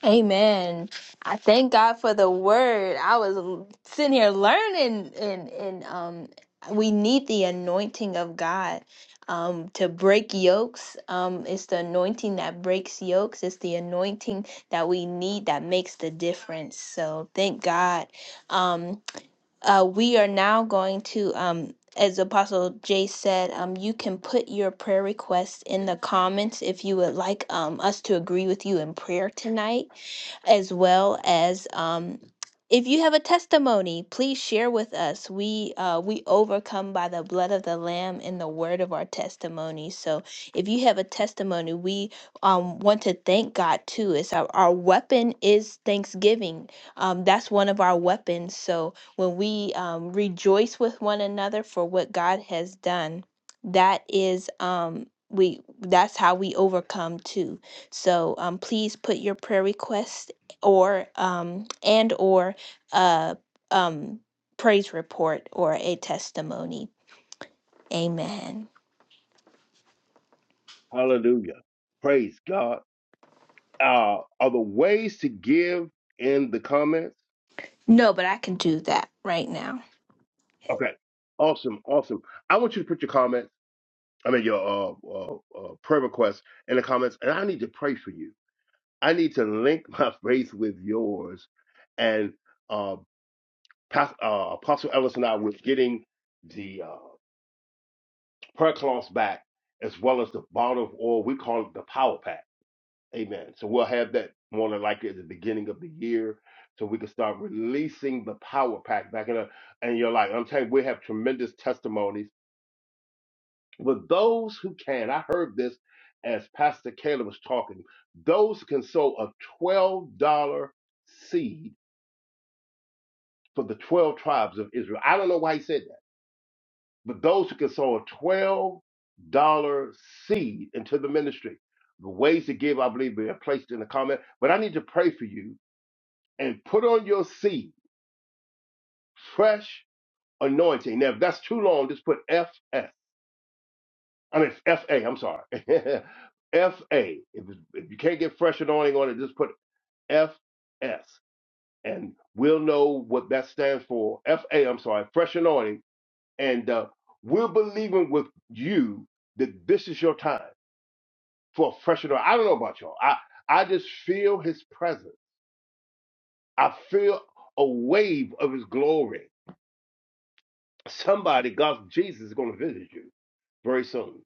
Speaker 1: Amen. I thank God for the word. I was sitting here learning and and um we need the anointing of God um to break yokes. Um it's the anointing that breaks yokes. It's the anointing that we need that makes the difference. So thank God. Um uh we are now going to um as Apostle Jay said, um, you can put your prayer requests in the comments if you would like um, us to agree with you in prayer tonight as well as um, if you have a testimony, please share with us. We uh, we overcome by the blood of the Lamb and the word of our testimony. So if you have a testimony, we um, want to thank God too. It's our, our weapon is thanksgiving. Um, that's one of our weapons. So when we um, rejoice with one another for what God has done, that is um, we that's how we overcome too. So um, please put your prayer requests or um, and or a um, praise report or a testimony. Amen.
Speaker 4: Hallelujah. Praise God. Uh, are the ways to give in the comments?
Speaker 1: No, but I can do that right now.
Speaker 4: Okay. Awesome. Awesome. I want you to put your comments, I mean, your uh, uh, uh, prayer requests in the comments, and I need to pray for you. I need to link my faith with yours. And uh, Pas- uh, Apostle Ellis and I, we getting the. uh, prayer cloth back, as well as the bottle of oil. We call it the power pack. Amen. So we'll have that more than likely at the beginning of the year. So we can start releasing the power pack back in, a, in your life. I'm telling you, we have tremendous testimonies. But those who can, I heard this as Pastor Caleb was talking, those who can sow a $12 seed for the 12 tribes of Israel. I don't know why he said that. But those who can sow a $12 seed into the ministry, the ways to give, I believe, are placed in the comment. But I need to pray for you and put on your seed, fresh anointing. Now, if that's too long, just put FS. I mean, FA, I'm sorry. FA. If, if you can't get fresh anointing on it, just put FS. And we'll know what that stands for. FA, I'm sorry, fresh anointing. And uh, we're believing with you that this is your time for a fresh anointing. I don't know about y'all. I I just feel His presence. I feel a wave of His glory. Somebody, God, Jesus is going to visit you very soon.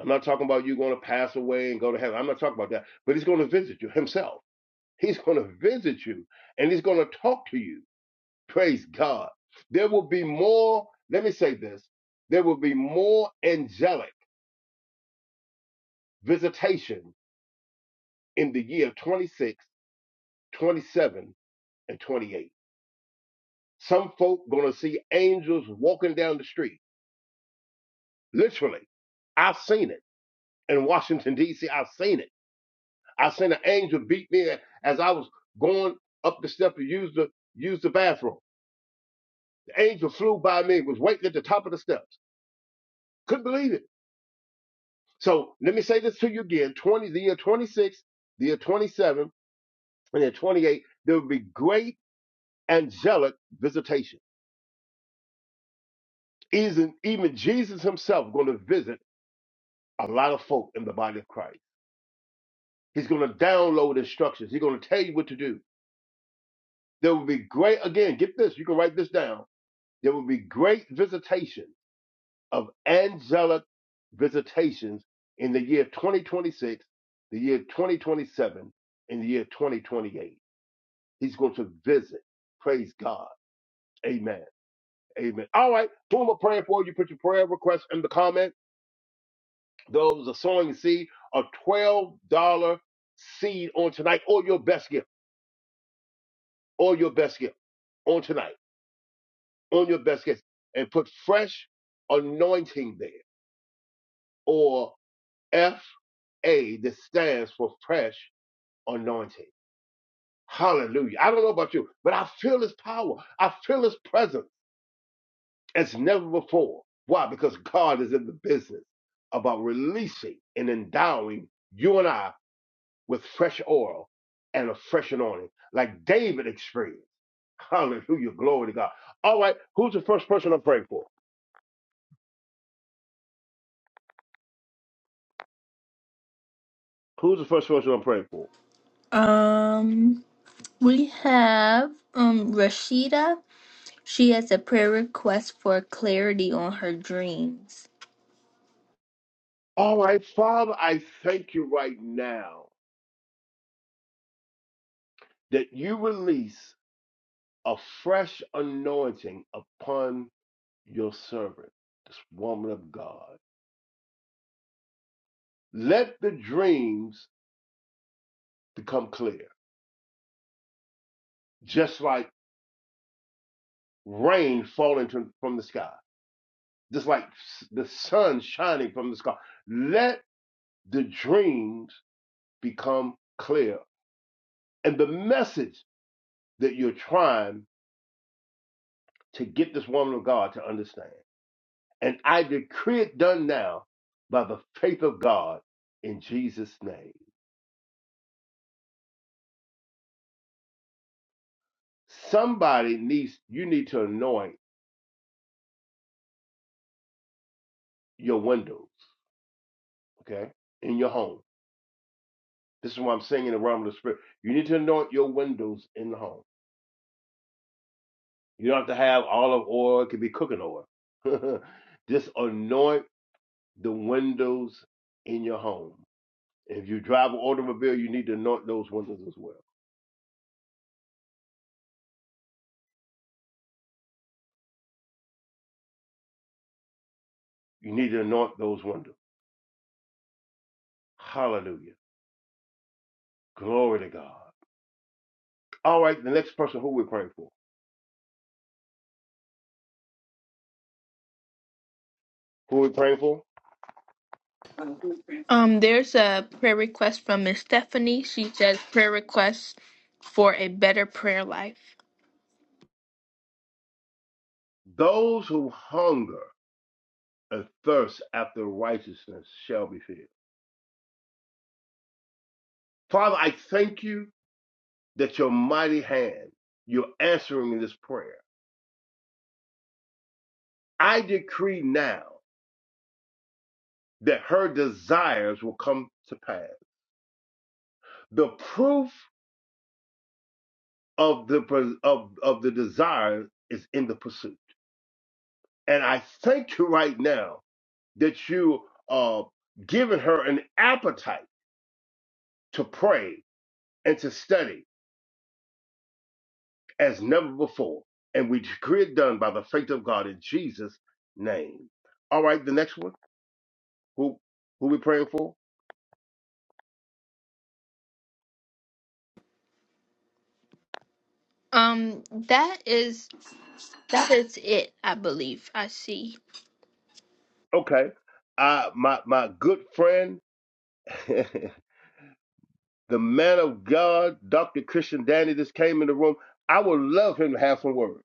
Speaker 4: I'm not talking about you going to pass away and go to heaven. I'm not talking about that. But He's going to visit you Himself. He's going to visit you and He's going to talk to you. Praise God. There will be more. Let me say this. There will be more angelic visitation in the year 26, 27, and 28 Some folk gonna see angels walking down the street. Literally, I've seen it in Washington D.C. I've seen it. I seen an angel beat me as I was going up the step to use the use the bathroom. The angel flew by me, was waiting at the top of the steps. Couldn't believe it. So let me say this to you again: twenty, the year twenty-six, the year twenty-seven, and the year twenty-eight. There will be great angelic visitation. Even even Jesus Himself going to visit a lot of folk in the body of Christ. He's going to download instructions. He's going to tell you what to do. There will be great, again, get this, you can write this down. There will be great visitation of angelic visitations in the year 2026, the year 2027, and the year 2028. He's going to visit. Praise God. Amen. Amen. All right. Who am I praying for? You put your prayer request in the comment. Those are sowing seed, a $12 seed on tonight, or your best gift, or your best gift on tonight. on your baskets and put fresh anointing there, or F A that stands for fresh anointing. Hallelujah. I don't know about you, but I feel his power. I feel his presence as never before. Why? Because God is in the business about releasing and endowing you and I with fresh oil and a fresh anointing, like David experienced. Hallelujah. Glory to God. All right. Who's the first person I'm praying for? Who's the first person I'm praying for?
Speaker 1: Um, we have um Rashida. She has a prayer request for clarity on her dreams.
Speaker 4: All right, Father, I thank you right now that you release a fresh anointing upon your servant, this woman of God. Let the dreams become clear, just like rain falling to- from the sky, just like s- the sun shining from the sky. Let the dreams become clear. And the message that you're trying to get this woman of God to understand. And I decree it done now by the faith of God in Jesus' name. Somebody needs, you need to anoint your windows, okay, in your home. This is why I'm singing the realm of the spirit. You need to anoint your windows in the home. You don't have to have olive oil, it could be cooking oil. Just anoint the windows in your home. If you drive an automobile, you need to anoint those windows as well. You need to anoint those windows. Hallelujah. Glory to God. All right, the next person who we're praying for. Who we praying for?
Speaker 1: Um, there's a prayer request from Miss Stephanie. She says prayer request for a better prayer life.
Speaker 4: Those who hunger and thirst after righteousness shall be filled. Father, I thank you that your mighty hand, you're answering this prayer. I decree now that her desires will come to pass. The proof of the of, of the desire is in the pursuit. And I thank you right now that you are giving her an appetite to pray and to study as never before. And we decree it done by the faith of God in Jesus' name. All right, the next one. Who who we praying for?
Speaker 1: Um, that is that is it. I believe I see
Speaker 4: Okay. I my my good friend, the man of God, Dr. Christian Danny, just came in the room. I would love him to have some words.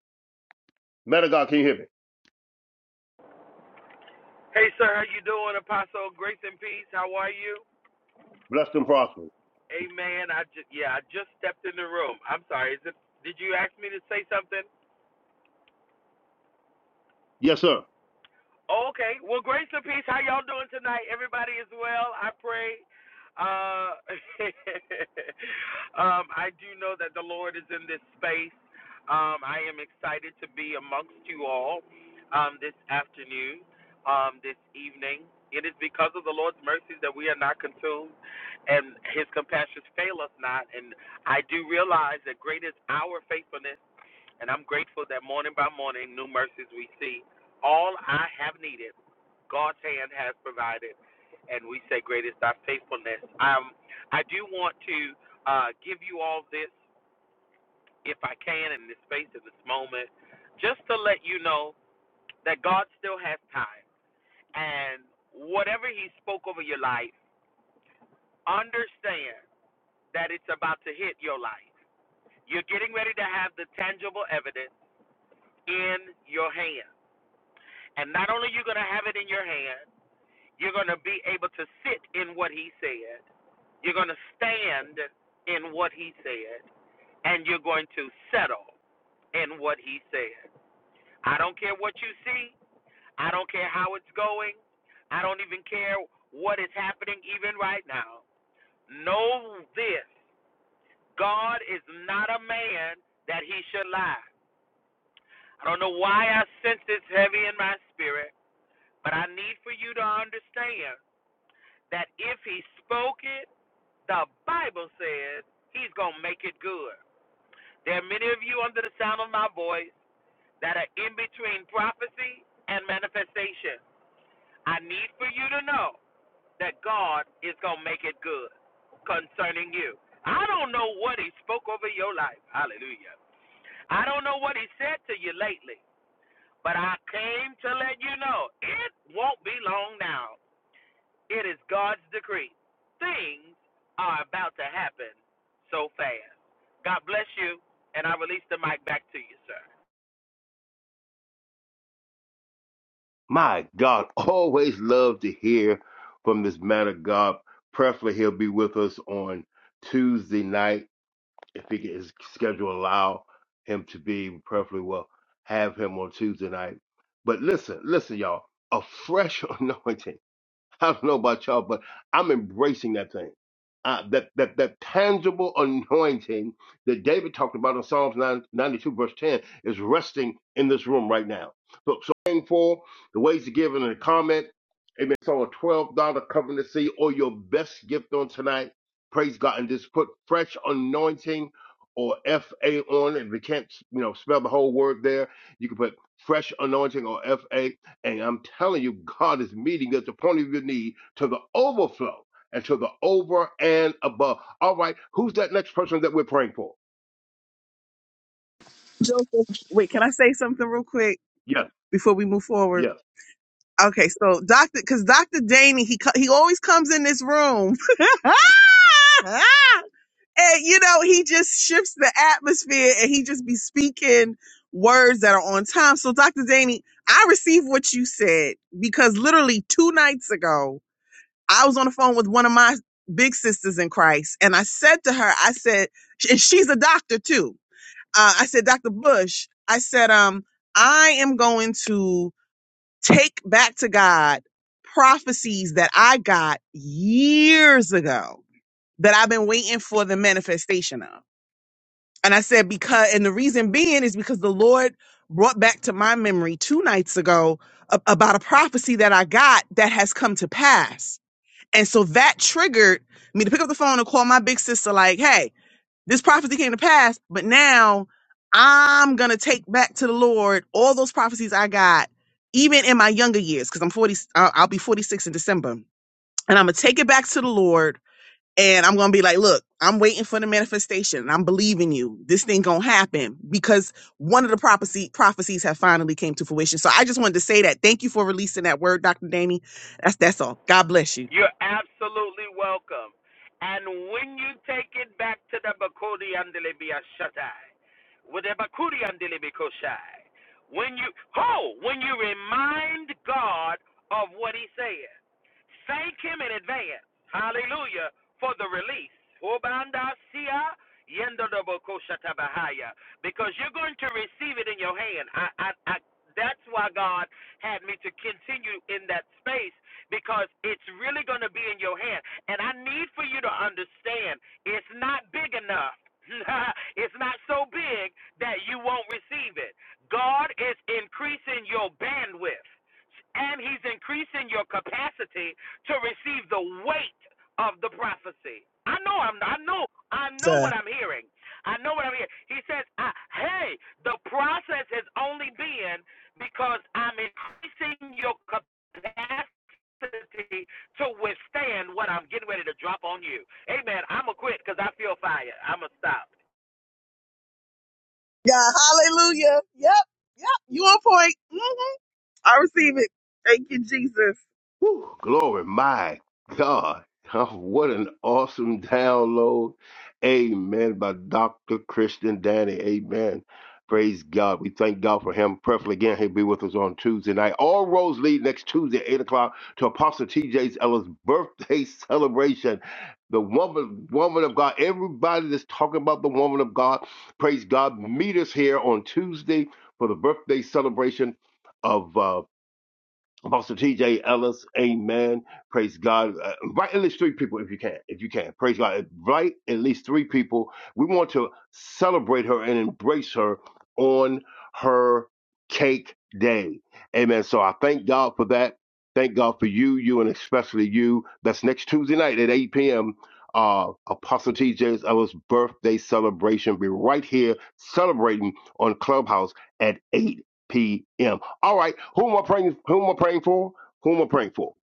Speaker 4: Man of God, can you hear me?
Speaker 5: Hey, sir, how you doing, Apostle? Grace and peace. How are you?
Speaker 4: Blessed and prosperous.
Speaker 5: Amen. I just yeah, I just stepped in the room. I'm sorry. Is it? Did you ask me to say something?
Speaker 4: Yes, sir.
Speaker 5: Oh, Okay. Well, grace and peace. How y'all doing tonight? Everybody is well. I pray. Uh, um, I do know that the Lord is in this space. Um, I am excited to be amongst you all um, this afternoon, um, this evening. It is because of the Lord's mercies that we are not consumed, and His compassions fail us not. And I do realize that great is our faithfulness and I'm grateful that morning by morning, new mercies we see. All I have needed, God's hand has provided. And we say, Great is thy faithfulness. Um, I do want to uh, give you all this, if I can, in this space, in this moment, just to let you know that God still has time. And whatever He spoke over your life, understand that it's about to hit your life. You're getting ready to have the tangible evidence in your hand And not only you're going to have it in your hand, you're going to be able to sit in what he said. You're going to stand in what he said. And you're going to settle in what he said. I don't care what you see. I don't care how it's going. I don't even care what is happening even right now. Know this God is not a man that he should lie. I don't know why I sense this heavy in my spirit, but I need for you to understand that if he spoke it, the Bible says he's going to make it good. There are many of you under the sound of my voice that are in between prophecy and manifestation. I need for you to know that God is going to make it good concerning you. I don't know what he spoke over your life. Hallelujah. I don't know what he said to you lately, but I came to let you know it won't be long now. It is God's decree. Things are about to happen so fast. God bless you, and I release the mic back to you, sir.
Speaker 4: My God, always love to hear from this man of God. Preferably he'll be with us on Tuesday night if he, can, his schedule allow him to be perfectly well, have him on Tuesday night. But listen, listen, y'all, a fresh anointing. I don't know about y'all, but I'm embracing that thing. Uh, that that that tangible anointing that David talked about in Psalms 92 verse 10 is resting in this room right now. So, so praying for the ways to give in the comment. Amen. So a twelve dollar covenant seed or your best gift on tonight. Praise God and just put fresh anointing or F A on. If you can't you know spell the whole word there, you can put fresh anointing or F A and I'm telling you, God is meeting us at the point of your need to the overflow and to the over and above. All right, who's that next person that we're praying for?
Speaker 2: Joseph, wait, can I say something real quick
Speaker 4: Yes,
Speaker 2: before we move
Speaker 4: yes.
Speaker 2: forward? Okay, so Doctor, because Doctor Danny, he co- he always comes in this room. and you know he just shifts the atmosphere and he just be speaking words that are on time so dr danny i received what you said because literally two nights ago i was on the phone with one of my big sisters in christ and i said to her i said and she's a doctor too uh, i said dr bush i said um i am going to take back to god prophecies that i got years ago that i've been waiting for the manifestation of and I said, because, and the reason being is because the Lord brought back to my memory two nights ago a- about a prophecy that I got that has come to pass. And so that triggered me to pick up the phone and call my big sister, like, hey, this prophecy came to pass, but now I'm going to take back to the Lord all those prophecies I got, even in my younger years, because I'm 40, I'll I'll be 46 in December. And I'm going to take it back to the Lord and I'm gonna be like, look, I'm waiting for the manifestation. I'm believing you. This thing gonna happen because one of the prophecy prophecies have finally came to fruition. So I just wanted to say that. Thank you for releasing that word, Dr. Danny. That's that's all. God bless you.
Speaker 5: You're absolutely welcome. And when you take it back to the Bakuri Andelebia Shatai, with the Bakuri Andelebi Koshai, when you oh, when you remind God of what He said, thank Him in advance. Hallelujah for the release. Obanda Sia Yendo do Boko Shata Bahaya. Because you're going to receive it in your hand. I, I, I, that's why God had me to continue in that space because it's really going to be in your hand. And I need for you to understand it's not big enough. it's not so big that you won't receive it. God is increasing your bandwidth and he's increasing your capacity to receive the weight of the prophecy. I know I'm I know I know what I'm hearing. I know what I'm hearing. He says, I, "Hey, the process has only been because I'm increasing your capacity capacity to withstand what I'm getting ready to drop on you. Amen. I'm going to quit because I feel fire. I'm going to stop.
Speaker 2: Yeah, hallelujah. Yep, yep, you on point. Mhm. I receive it. Thank you, Jesus.
Speaker 4: Whew, glory, my God. Oh, what an awesome download. Amen. By Dr. Christian Danny. Amen. Praise God. We thank God for him. Preferably again, he'll be with us on Tuesday night. All roads lead next Tuesday, at 8 o'clock, to Apostle TJ's Ella's birthday celebration. The woman, woman of God, everybody that's talking about the woman of God, praise God. Meet us here on Tuesday for the birthday celebration of uh, Apostle TJ Ellis, amen. Praise God. Uh, write at least three people if you can. If you can, praise God. Write at least three people. We want to celebrate her and embrace her on her cake day. Amen. So I thank God for that. Thank God for you, you, and especially you. That's next Tuesday night at 8 p.m. Uh, Apostle TJ Ellis' birthday celebration. We're right here celebrating on Clubhouse at 8 p.m. All right, who am I praying? Who am I praying for? Who am I praying for?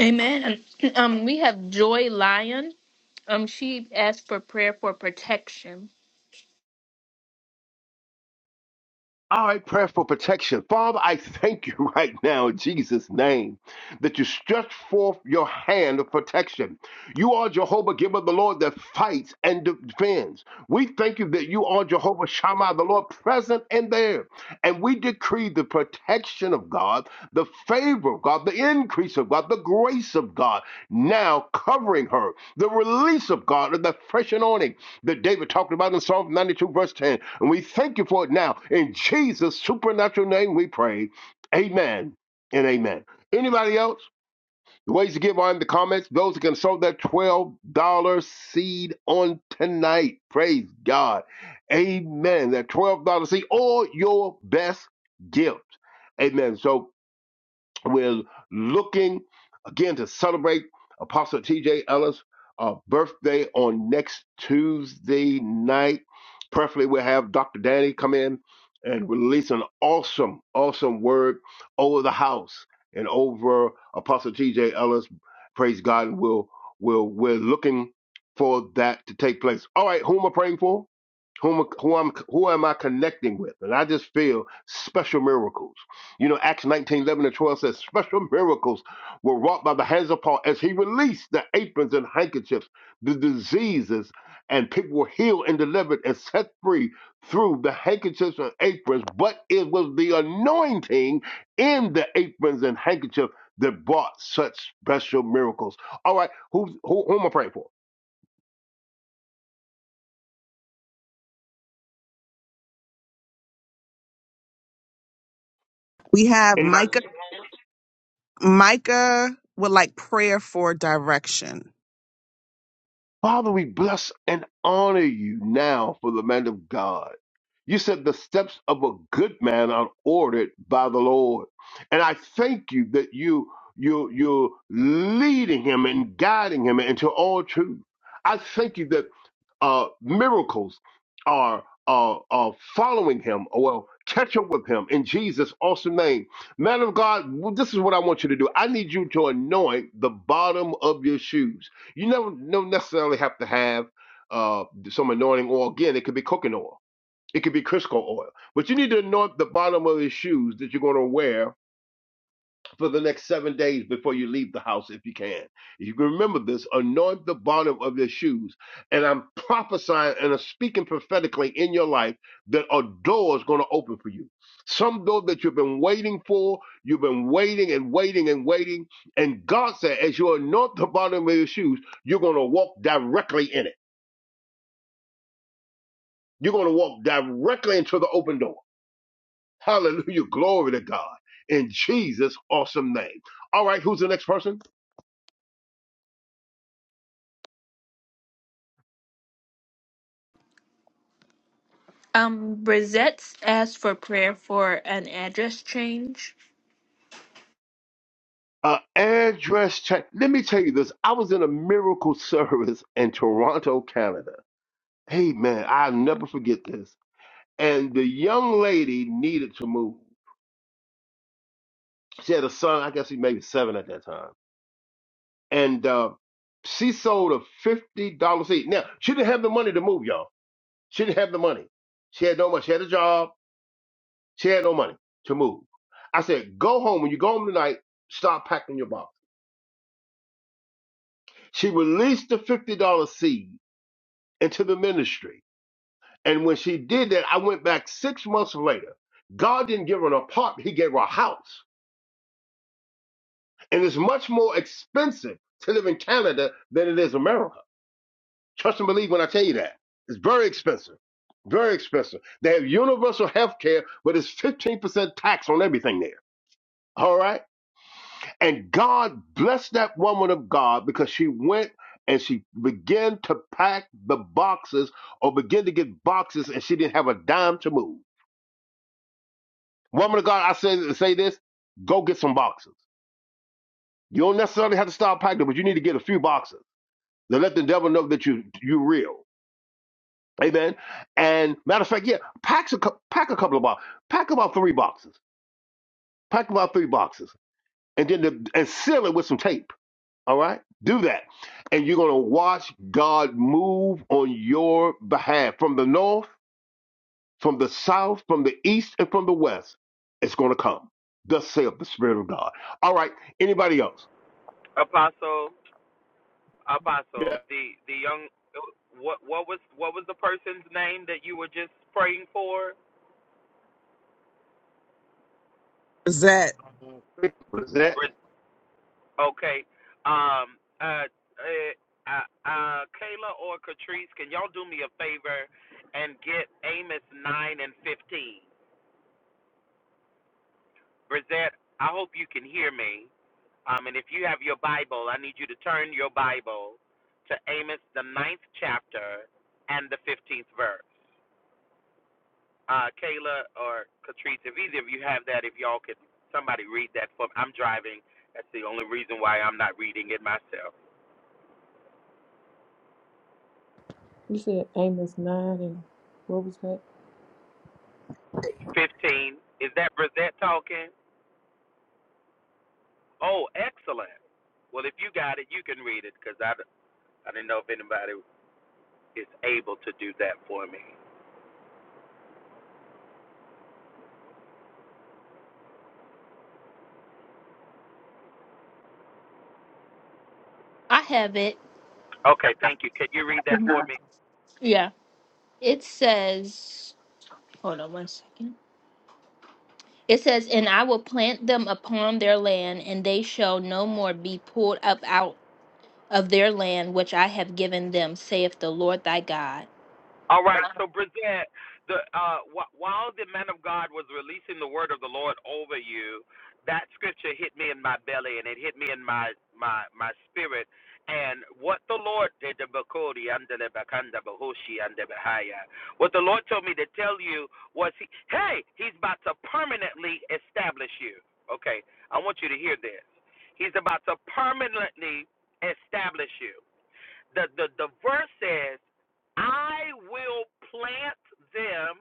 Speaker 1: Amen. And, Um, we have Joy Lyon. Um, she asked for prayer for protection.
Speaker 4: All right, prayer for protection. Father, I thank you right now in Jesus' name that you stretch forth your hand of protection. You are Jehovah, giver of the Lord that fights and defends. We thank you that you are Jehovah Shammah, the Lord present and there. And we decree the protection of God, the favor of God, the increase of God, the grace of God now covering her, the release of God, and the fresh anointing that David talked about in Psalm 92, verse 10. And we thank you for it now. In Jesus' supernatural name, we pray. Amen and amen. Anybody else? The ways to give are in the comments. Those who can sow that $12 seed on tonight. Praise God. Amen. That $12 seed or your best gift. Amen. So we're looking again to celebrate Apostle TJ Ellis' uh, birthday on next Tuesday night. Preferably, we'll have Dr. Danny come in and release an awesome, awesome word over the house and over Apostle TJ Ellis. Praise God. And we'll, we'll, we're looking for that to take place. All right, who am I praying for? whom who am who am I connecting with? And I just feel special miracles. You know, Acts nineteen eleven 11 and 12 says special miracles were wrought by the hands of Paul as he released the aprons and handkerchiefs, the diseases, and people were healed and delivered and set free through the handkerchiefs and aprons. But it was the anointing in the aprons and handkerchief that brought such special miracles. All right, who's who, who am I praying for?
Speaker 2: We have
Speaker 4: Anybody?
Speaker 2: Micah. Micah would like prayer for direction.
Speaker 4: Father, we bless and honor you now for the man of God. You said the steps of a good man are ordered by the Lord. And I thank you that you, you, you're leading him and guiding him into all truth. I thank you that uh, miracles are uh, are following him. Or well, catch up with him in Jesus' awesome name. Man of God, w- this is what I want you to do. I need you to anoint the bottom of your shoes. You never don't necessarily have to have uh, some anointing oil. Again, it could be cooking oil. It could be Crisco oil, but you need to anoint the bottom of your shoes that you're going to wear for the next seven days before you leave the house if you can. If you can remember this, anoint the bottom of your shoes. And I'm prophesying and I'm speaking prophetically in your life that a door is going to open for you. Some door that you've been waiting for, you've been waiting and waiting and waiting. And God said, as you anoint the bottom of your shoes, you're going to walk directly in it. You're going to walk directly into the open door. Hallelujah. Glory to God. In Jesus' awesome name. All right, who's the next person?
Speaker 1: Um, Brizette asked for prayer for an address change.
Speaker 4: Uh, address check. Let me tell you this. I was in a miracle service in Toronto, Canada. Hey, man, I'll never forget this. And the young lady needed to move. She had a son, I guess he maybe seven at that time. And uh, she sold a $50 seat. Now, she didn't have the money to move, y'all. She didn't have the money. She had no money. She had a job. She had no money to move. I said, go home. When you go home tonight, start packing your box. She released the $50 seed into the ministry And when she did that, I went back six months later. God didn't give her an apartment, He gave her a house. And it's much more expensive to live in Canada than it is America. Trust and believe when I tell you that. It's very expensive. Very expensive. They have universal health care, but it's 15% tax on everything there. All right? And God blessed that woman of God because she went and she began to pack the boxes or begin to get boxes and she didn't have a dime to move. Woman of God, I say say this: go get some boxers. You don't necessarily have to start packing, but you need to get a few boxers to let the devil know that you you real. Amen. And matter of fact, yeah, pack a pack a couple of boxes, pack about three boxes, pack about three boxes, and then the, and seal it with some tape. All right, do that, and you're gonna watch God move on your behalf from the north, from the south, from the east, and from the west. It's gonna come. Thus saith the Spirit of God. All right, anybody else?
Speaker 5: Apostle, Apostle,
Speaker 4: Yeah.
Speaker 5: the the young, what what was what was the person's name that you were just praying for?
Speaker 4: Uh, Was that?
Speaker 5: Okay, um, uh, uh, uh, uh, Kayla or Catrice, can y'all do me a favor and get Amos nine and fifteen? Brizette, I hope you can hear me. Um, and if you have your Bible, I need you to turn your Bible to Amos, the ninth chapter, and the 15th verse. Uh, Kayla or Catrice, if either of you have that, if y'all could, somebody read that for me. I'm driving. That's the only reason why I'm not reading it myself.
Speaker 6: You said Amos 9 and what was that?
Speaker 5: 15. Is that Brisette talking? Oh, excellent. Well, if you got it, you can read it because I, I didn't know if anybody is able to do that for me.
Speaker 1: I have it.
Speaker 5: Okay, thank you. Could you read that for
Speaker 1: Mhm.
Speaker 5: me?
Speaker 1: Yeah. It says, hold on one second. It says, and I will plant them upon their land, and they shall no more be pulled up out of their land which I have given them, saith the Lord thy God.
Speaker 5: All right, so Bridget, the uh, wh- while the man of God was releasing the word of the Lord over you, that scripture hit me in my belly and it hit me in my my my spirit. And what the Lord did, the Bakodi, and the Bakanda, Bahoshi, and the Bahaya, what the Lord told me to tell you was, he, hey, He's about to permanently establish you. Okay, I want you to hear this. He's about to permanently establish you the, the, the verse says, I will plant them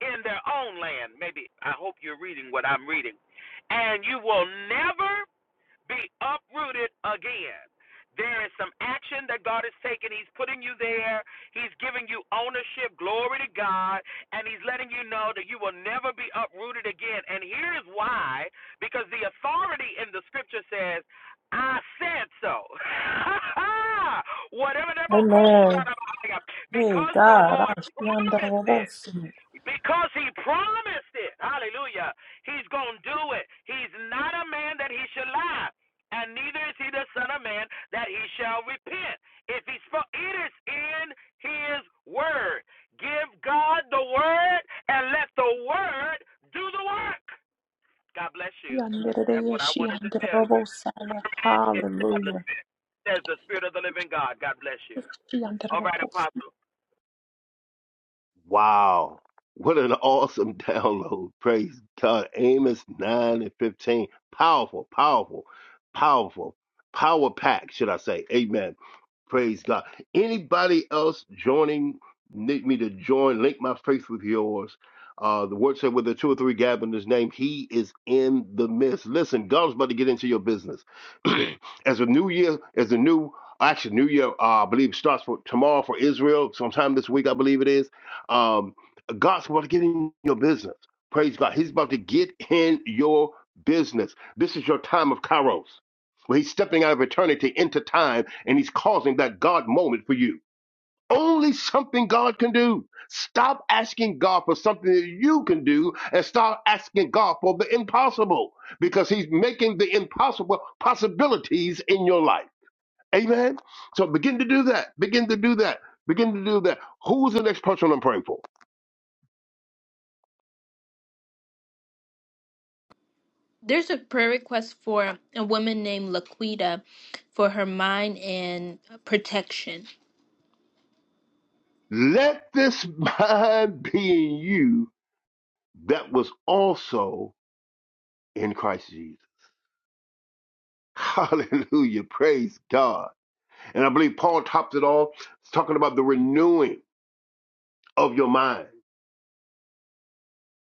Speaker 5: in their own land. Maybe I hope you're reading what I'm reading. And you will never be uprooted again. There is some action that God is taking. He's putting you there. He's giving you ownership. Glory to God. And He's letting you know that you will never be uprooted again. And here's why because the authority in the scripture says, I said so. Whatever that book,
Speaker 6: Amen. Hey,
Speaker 5: because the
Speaker 6: God.
Speaker 5: Lord
Speaker 6: I see under the
Speaker 5: promised it.
Speaker 6: robust. See
Speaker 5: Because he promised it. Hallelujah. He's going to do it. He's not a man that he should lie, and neither is he the son of man that he shall repent. If he spoke, it is in his word. Give God the word and let the word do the work. God bless you.
Speaker 6: under
Speaker 5: That's
Speaker 6: the-
Speaker 5: what I
Speaker 6: see
Speaker 5: wanted to tell you. Permanent
Speaker 6: Hallelujah.
Speaker 5: established, says the Spirit of the living God. God bless you.
Speaker 6: See
Speaker 5: All right, Apostle.
Speaker 4: Wow. What an awesome download. Praise God. Amos 9 and 15. Powerful, powerful, powerful. Power pack, should I say. Amen. Praise God. Anybody else joining, need me to join, link my faith with yours. Uh, the word said, with the two or three gather in his name, he is in the midst. Listen, God's about to get into your business. as a new year, as a new, actually, new year, uh, I believe starts for tomorrow for Israel, sometime this week, I believe it is um, God's about to get in your business. Praise God. He's about to get in your business. This is your time of kairos, where he's stepping out of eternity into time and he's causing that God moment for you. Only something God can do. Stop asking God for something that you can do and start asking God for the impossible because he's making the impossible possibilities in your life. Amen. So begin to do that. Begin to do that. Begin to do that. Who's the next person I'm praying for?
Speaker 1: There's a prayer request for a woman named Laquita for her mind and protection.
Speaker 4: Let this mind be in you that was also in Christ Jesus. Hallelujah. Praise God. And I believe Paul tops it all It's talking about the renewing of your mind.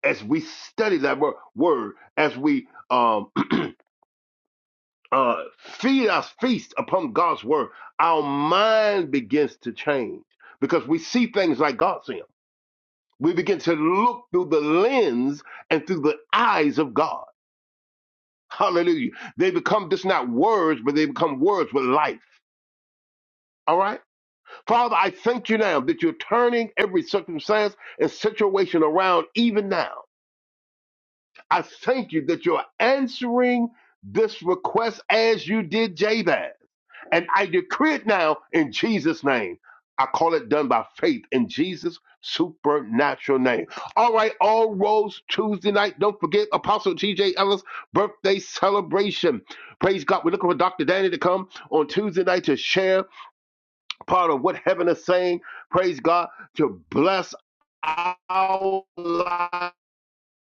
Speaker 4: As we study that wor- word, as we um, uh, feed us, feast upon God's word, our mind begins to change because we see things like God sees them. We begin to look through the lens and through the eyes of God. Hallelujah. They become just not words, but they become words with life. All right? Father, I thank you now that you're turning every circumstance and situation around even now. I thank you that you're answering this request as you did Jabez. And I decree it now in Jesus' name. I call it done by faith in Jesus' supernatural name. All right, All Rolls Tuesday night. Don't forget Apostle T.J. Ellis' birthday celebration. Praise God. We're looking for Dr. Danny to come on Tuesday night to share part of what heaven is saying. Praise God to bless our lives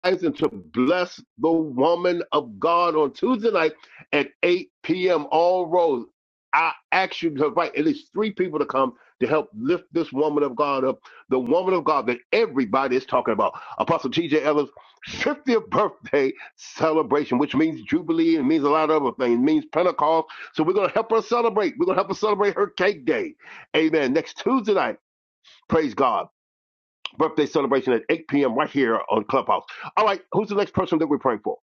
Speaker 4: rise and to bless the woman of God on Tuesday night at 8 p.m. All roads. I ask you to invite at least three people to come to help lift this woman of God up, the woman of God that everybody is talking about. Apostle T.J. Ellis' 50th birthday celebration, which means Jubilee and means a lot of other things, it means Pentecost. So we're going to help her celebrate. We're going to help her celebrate her cake day. Amen. Next Tuesday night, praise God birthday celebration at 8 p.m. right here on Clubhouse. All right, who's the next person that we're praying for?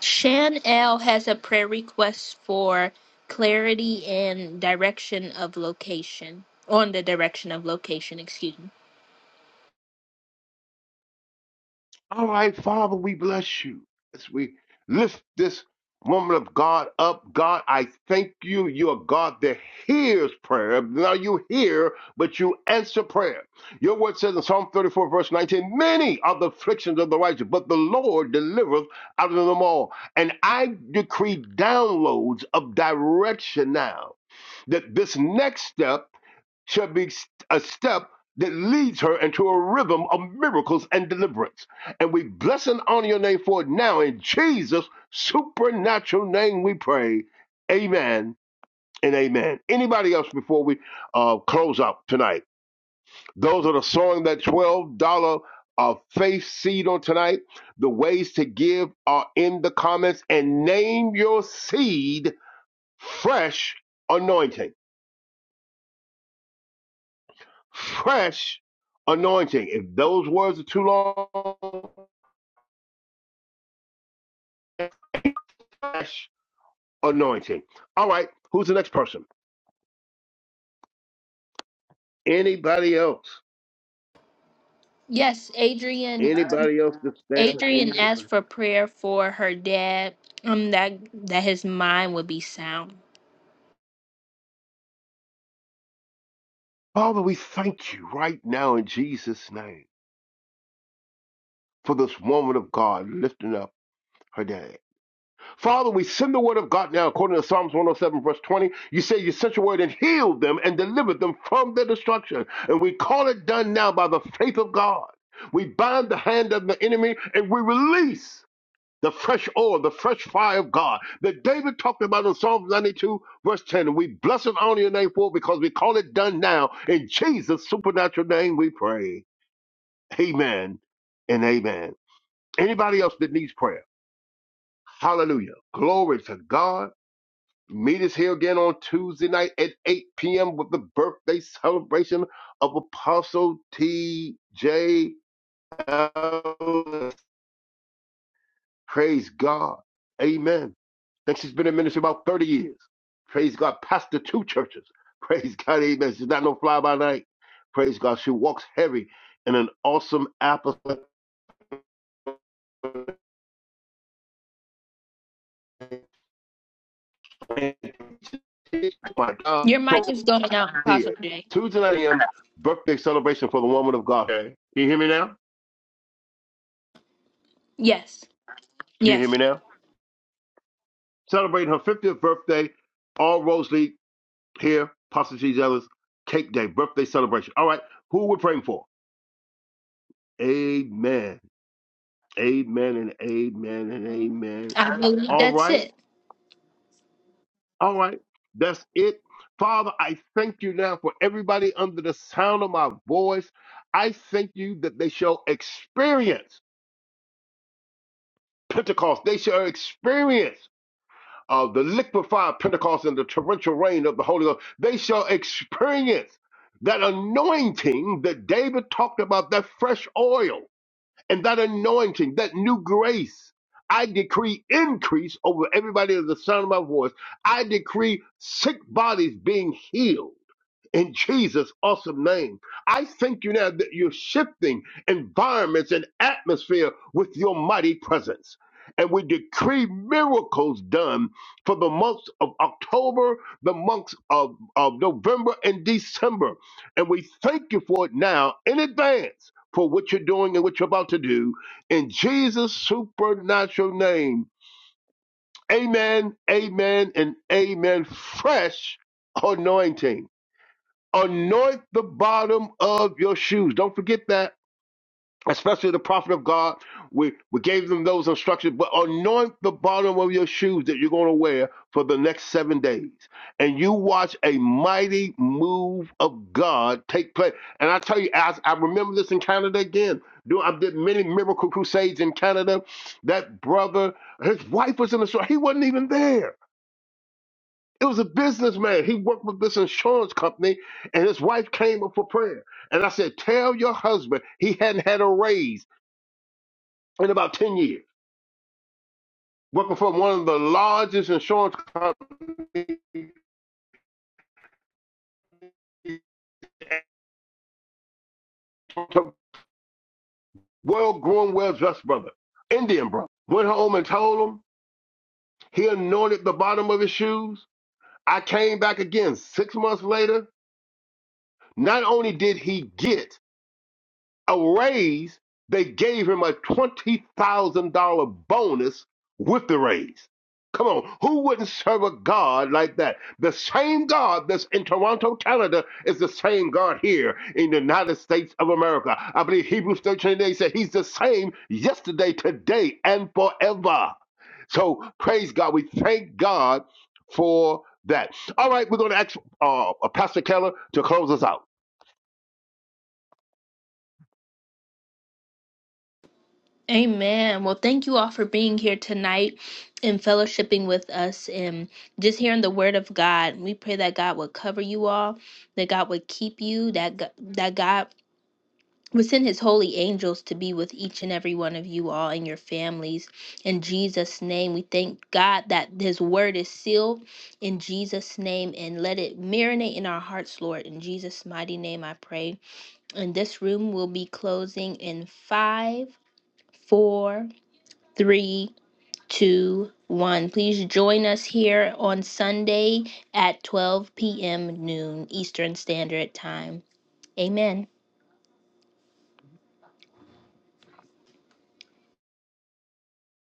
Speaker 1: Shan L has a prayer request for clarity and direction of location. On the direction of location, excuse me.
Speaker 4: All right, Father, we bless you as we lift this woman of God up. God, I thank you. You are God that hears prayer. Now you hear, but you answer prayer. Your word says in Psalm 34, verse 19, many are the afflictions of the righteous, but the Lord delivereth out of them all. And I decree downloads of direction now that this next step shall be a step that leads her into a rhythm of miracles and deliverance. And we bless and honor your name for it now in Jesus' supernatural name we pray. Amen and amen. Anybody else before we uh, close up tonight? Those that are sowing that $12 uh, faith seed on tonight, the ways to give are in the comments and name your seed fresh anointing fresh anointing. If those words are too long, fresh anointing. All right, who's the next person? Anybody else?
Speaker 1: Yes, Adrian
Speaker 4: Anybody else that stands?
Speaker 1: Adrian
Speaker 4: Any other
Speaker 1: asked
Speaker 4: person?
Speaker 1: for prayer for her dad. Um that that his mind would be sound.
Speaker 4: Father, we thank you right now in Jesus' name for this woman of God lifting up her dad. Father, we send the word of God now according to Psalms 107, verse 20. You say you sent your word and healed them and delivered them from their destruction. And we call it done now by the faith of God. We bind the hand of the enemy and we release the fresh oil, the fresh fire of God that David talked about in Psalms 92, verse 10. And we bless and honor your name for it because we call it done now. In Jesus' supernatural name we pray. Amen and amen. Anybody else that needs prayer? Hallelujah. Glory to God. Meet us here again on Tuesday night at 8 p.m. with the birthday celebration of Apostle T.J. Ellis. Praise God. Amen. I Think she's been in ministry about 30 years. Praise God. Pastor two churches. Praise God. Amen. She's not no fly by night. Praise God. She walks heavy in an awesome apostolic. Oh my God.
Speaker 1: Your mic is
Speaker 4: So
Speaker 1: going out, Apostle
Speaker 4: here.
Speaker 1: Jay.
Speaker 4: Tuesday night a.m. birthday celebration for the woman of God. Okay. Can you hear me now?
Speaker 1: Yes.
Speaker 4: Can you hear
Speaker 1: Yes.
Speaker 4: me now? Celebrating her 50th birthday, all Rose League here, Pastor G. Ellis, Cake Day, birthday celebration. All right, who we're praying for? Amen. Amen and amen and amen.
Speaker 1: I believe
Speaker 4: All
Speaker 1: that's
Speaker 4: right,
Speaker 1: it.
Speaker 4: all right, that's it. Father, I thank you now for everybody under the sound of my voice. I thank you that they shall experience Pentecost. They shall experience uh, the liquefied Pentecost and the torrential rain of the Holy Ghost, they shall experience that anointing that David talked about, that fresh oil and that anointing, that new grace. I decree increase over everybody at the sound of my voice. I decree sick bodies being healed in Jesus' awesome name. I thank you now that you're shifting environments and atmosphere with your mighty presence. And we decree miracles done for the months of October, the months of, of November and December. And we thank you for it now in advance for what you're doing and what you're about to do in Jesus' supernatural name. Amen, amen, and amen. Fresh anointing anoint the bottom of your shoes. Don't forget that. Especially the prophet of God, we, we gave them those instructions, but anoint the bottom of your shoes that you're going to wear for the next seven days. And you watch a mighty move of God take place. And I tell you, as I remember this in Canada again. Do- I did many miracle crusades in Canada. That brother, his wife was in the store. He wasn't even there it was a businessman. He worked with this insurance company, and his wife came up for prayer. And I said, Tell your husband he hadn't had a raise in about 10 years, working for one of the largest insurance companies, well grown, well dressed brother, Indian brother. Went home and told him. He anointed the bottom of his shoes. I came back again six months later. Not only did he get a raise, they gave him a $20,000 bonus with the raise. Come on, who wouldn't serve a God like that? The same God that's in Toronto, Canada, is the same God here in the United States of America. I believe Hebrews 13 they said he's the same yesterday, today, and forever. So praise God. We thank God for that. All right, we're going to ask uh, Pastor Keller to close us out.
Speaker 1: Amen. Well, thank you all for being here tonight and fellowshipping with us and just hearing the word of God. We pray that God would cover you all, that God would keep you, that Go- that God would send his holy angels to be with each and every one of you all and your families. In Jesus' name, we thank God that his word is sealed in Jesus' name and let it marinate in our hearts, Lord. In Jesus' mighty name, I pray. And this room will be closing in five, four three, two, one. Please join us here on Sunday at 12 p.m. noon Eastern Standard Time. Amen.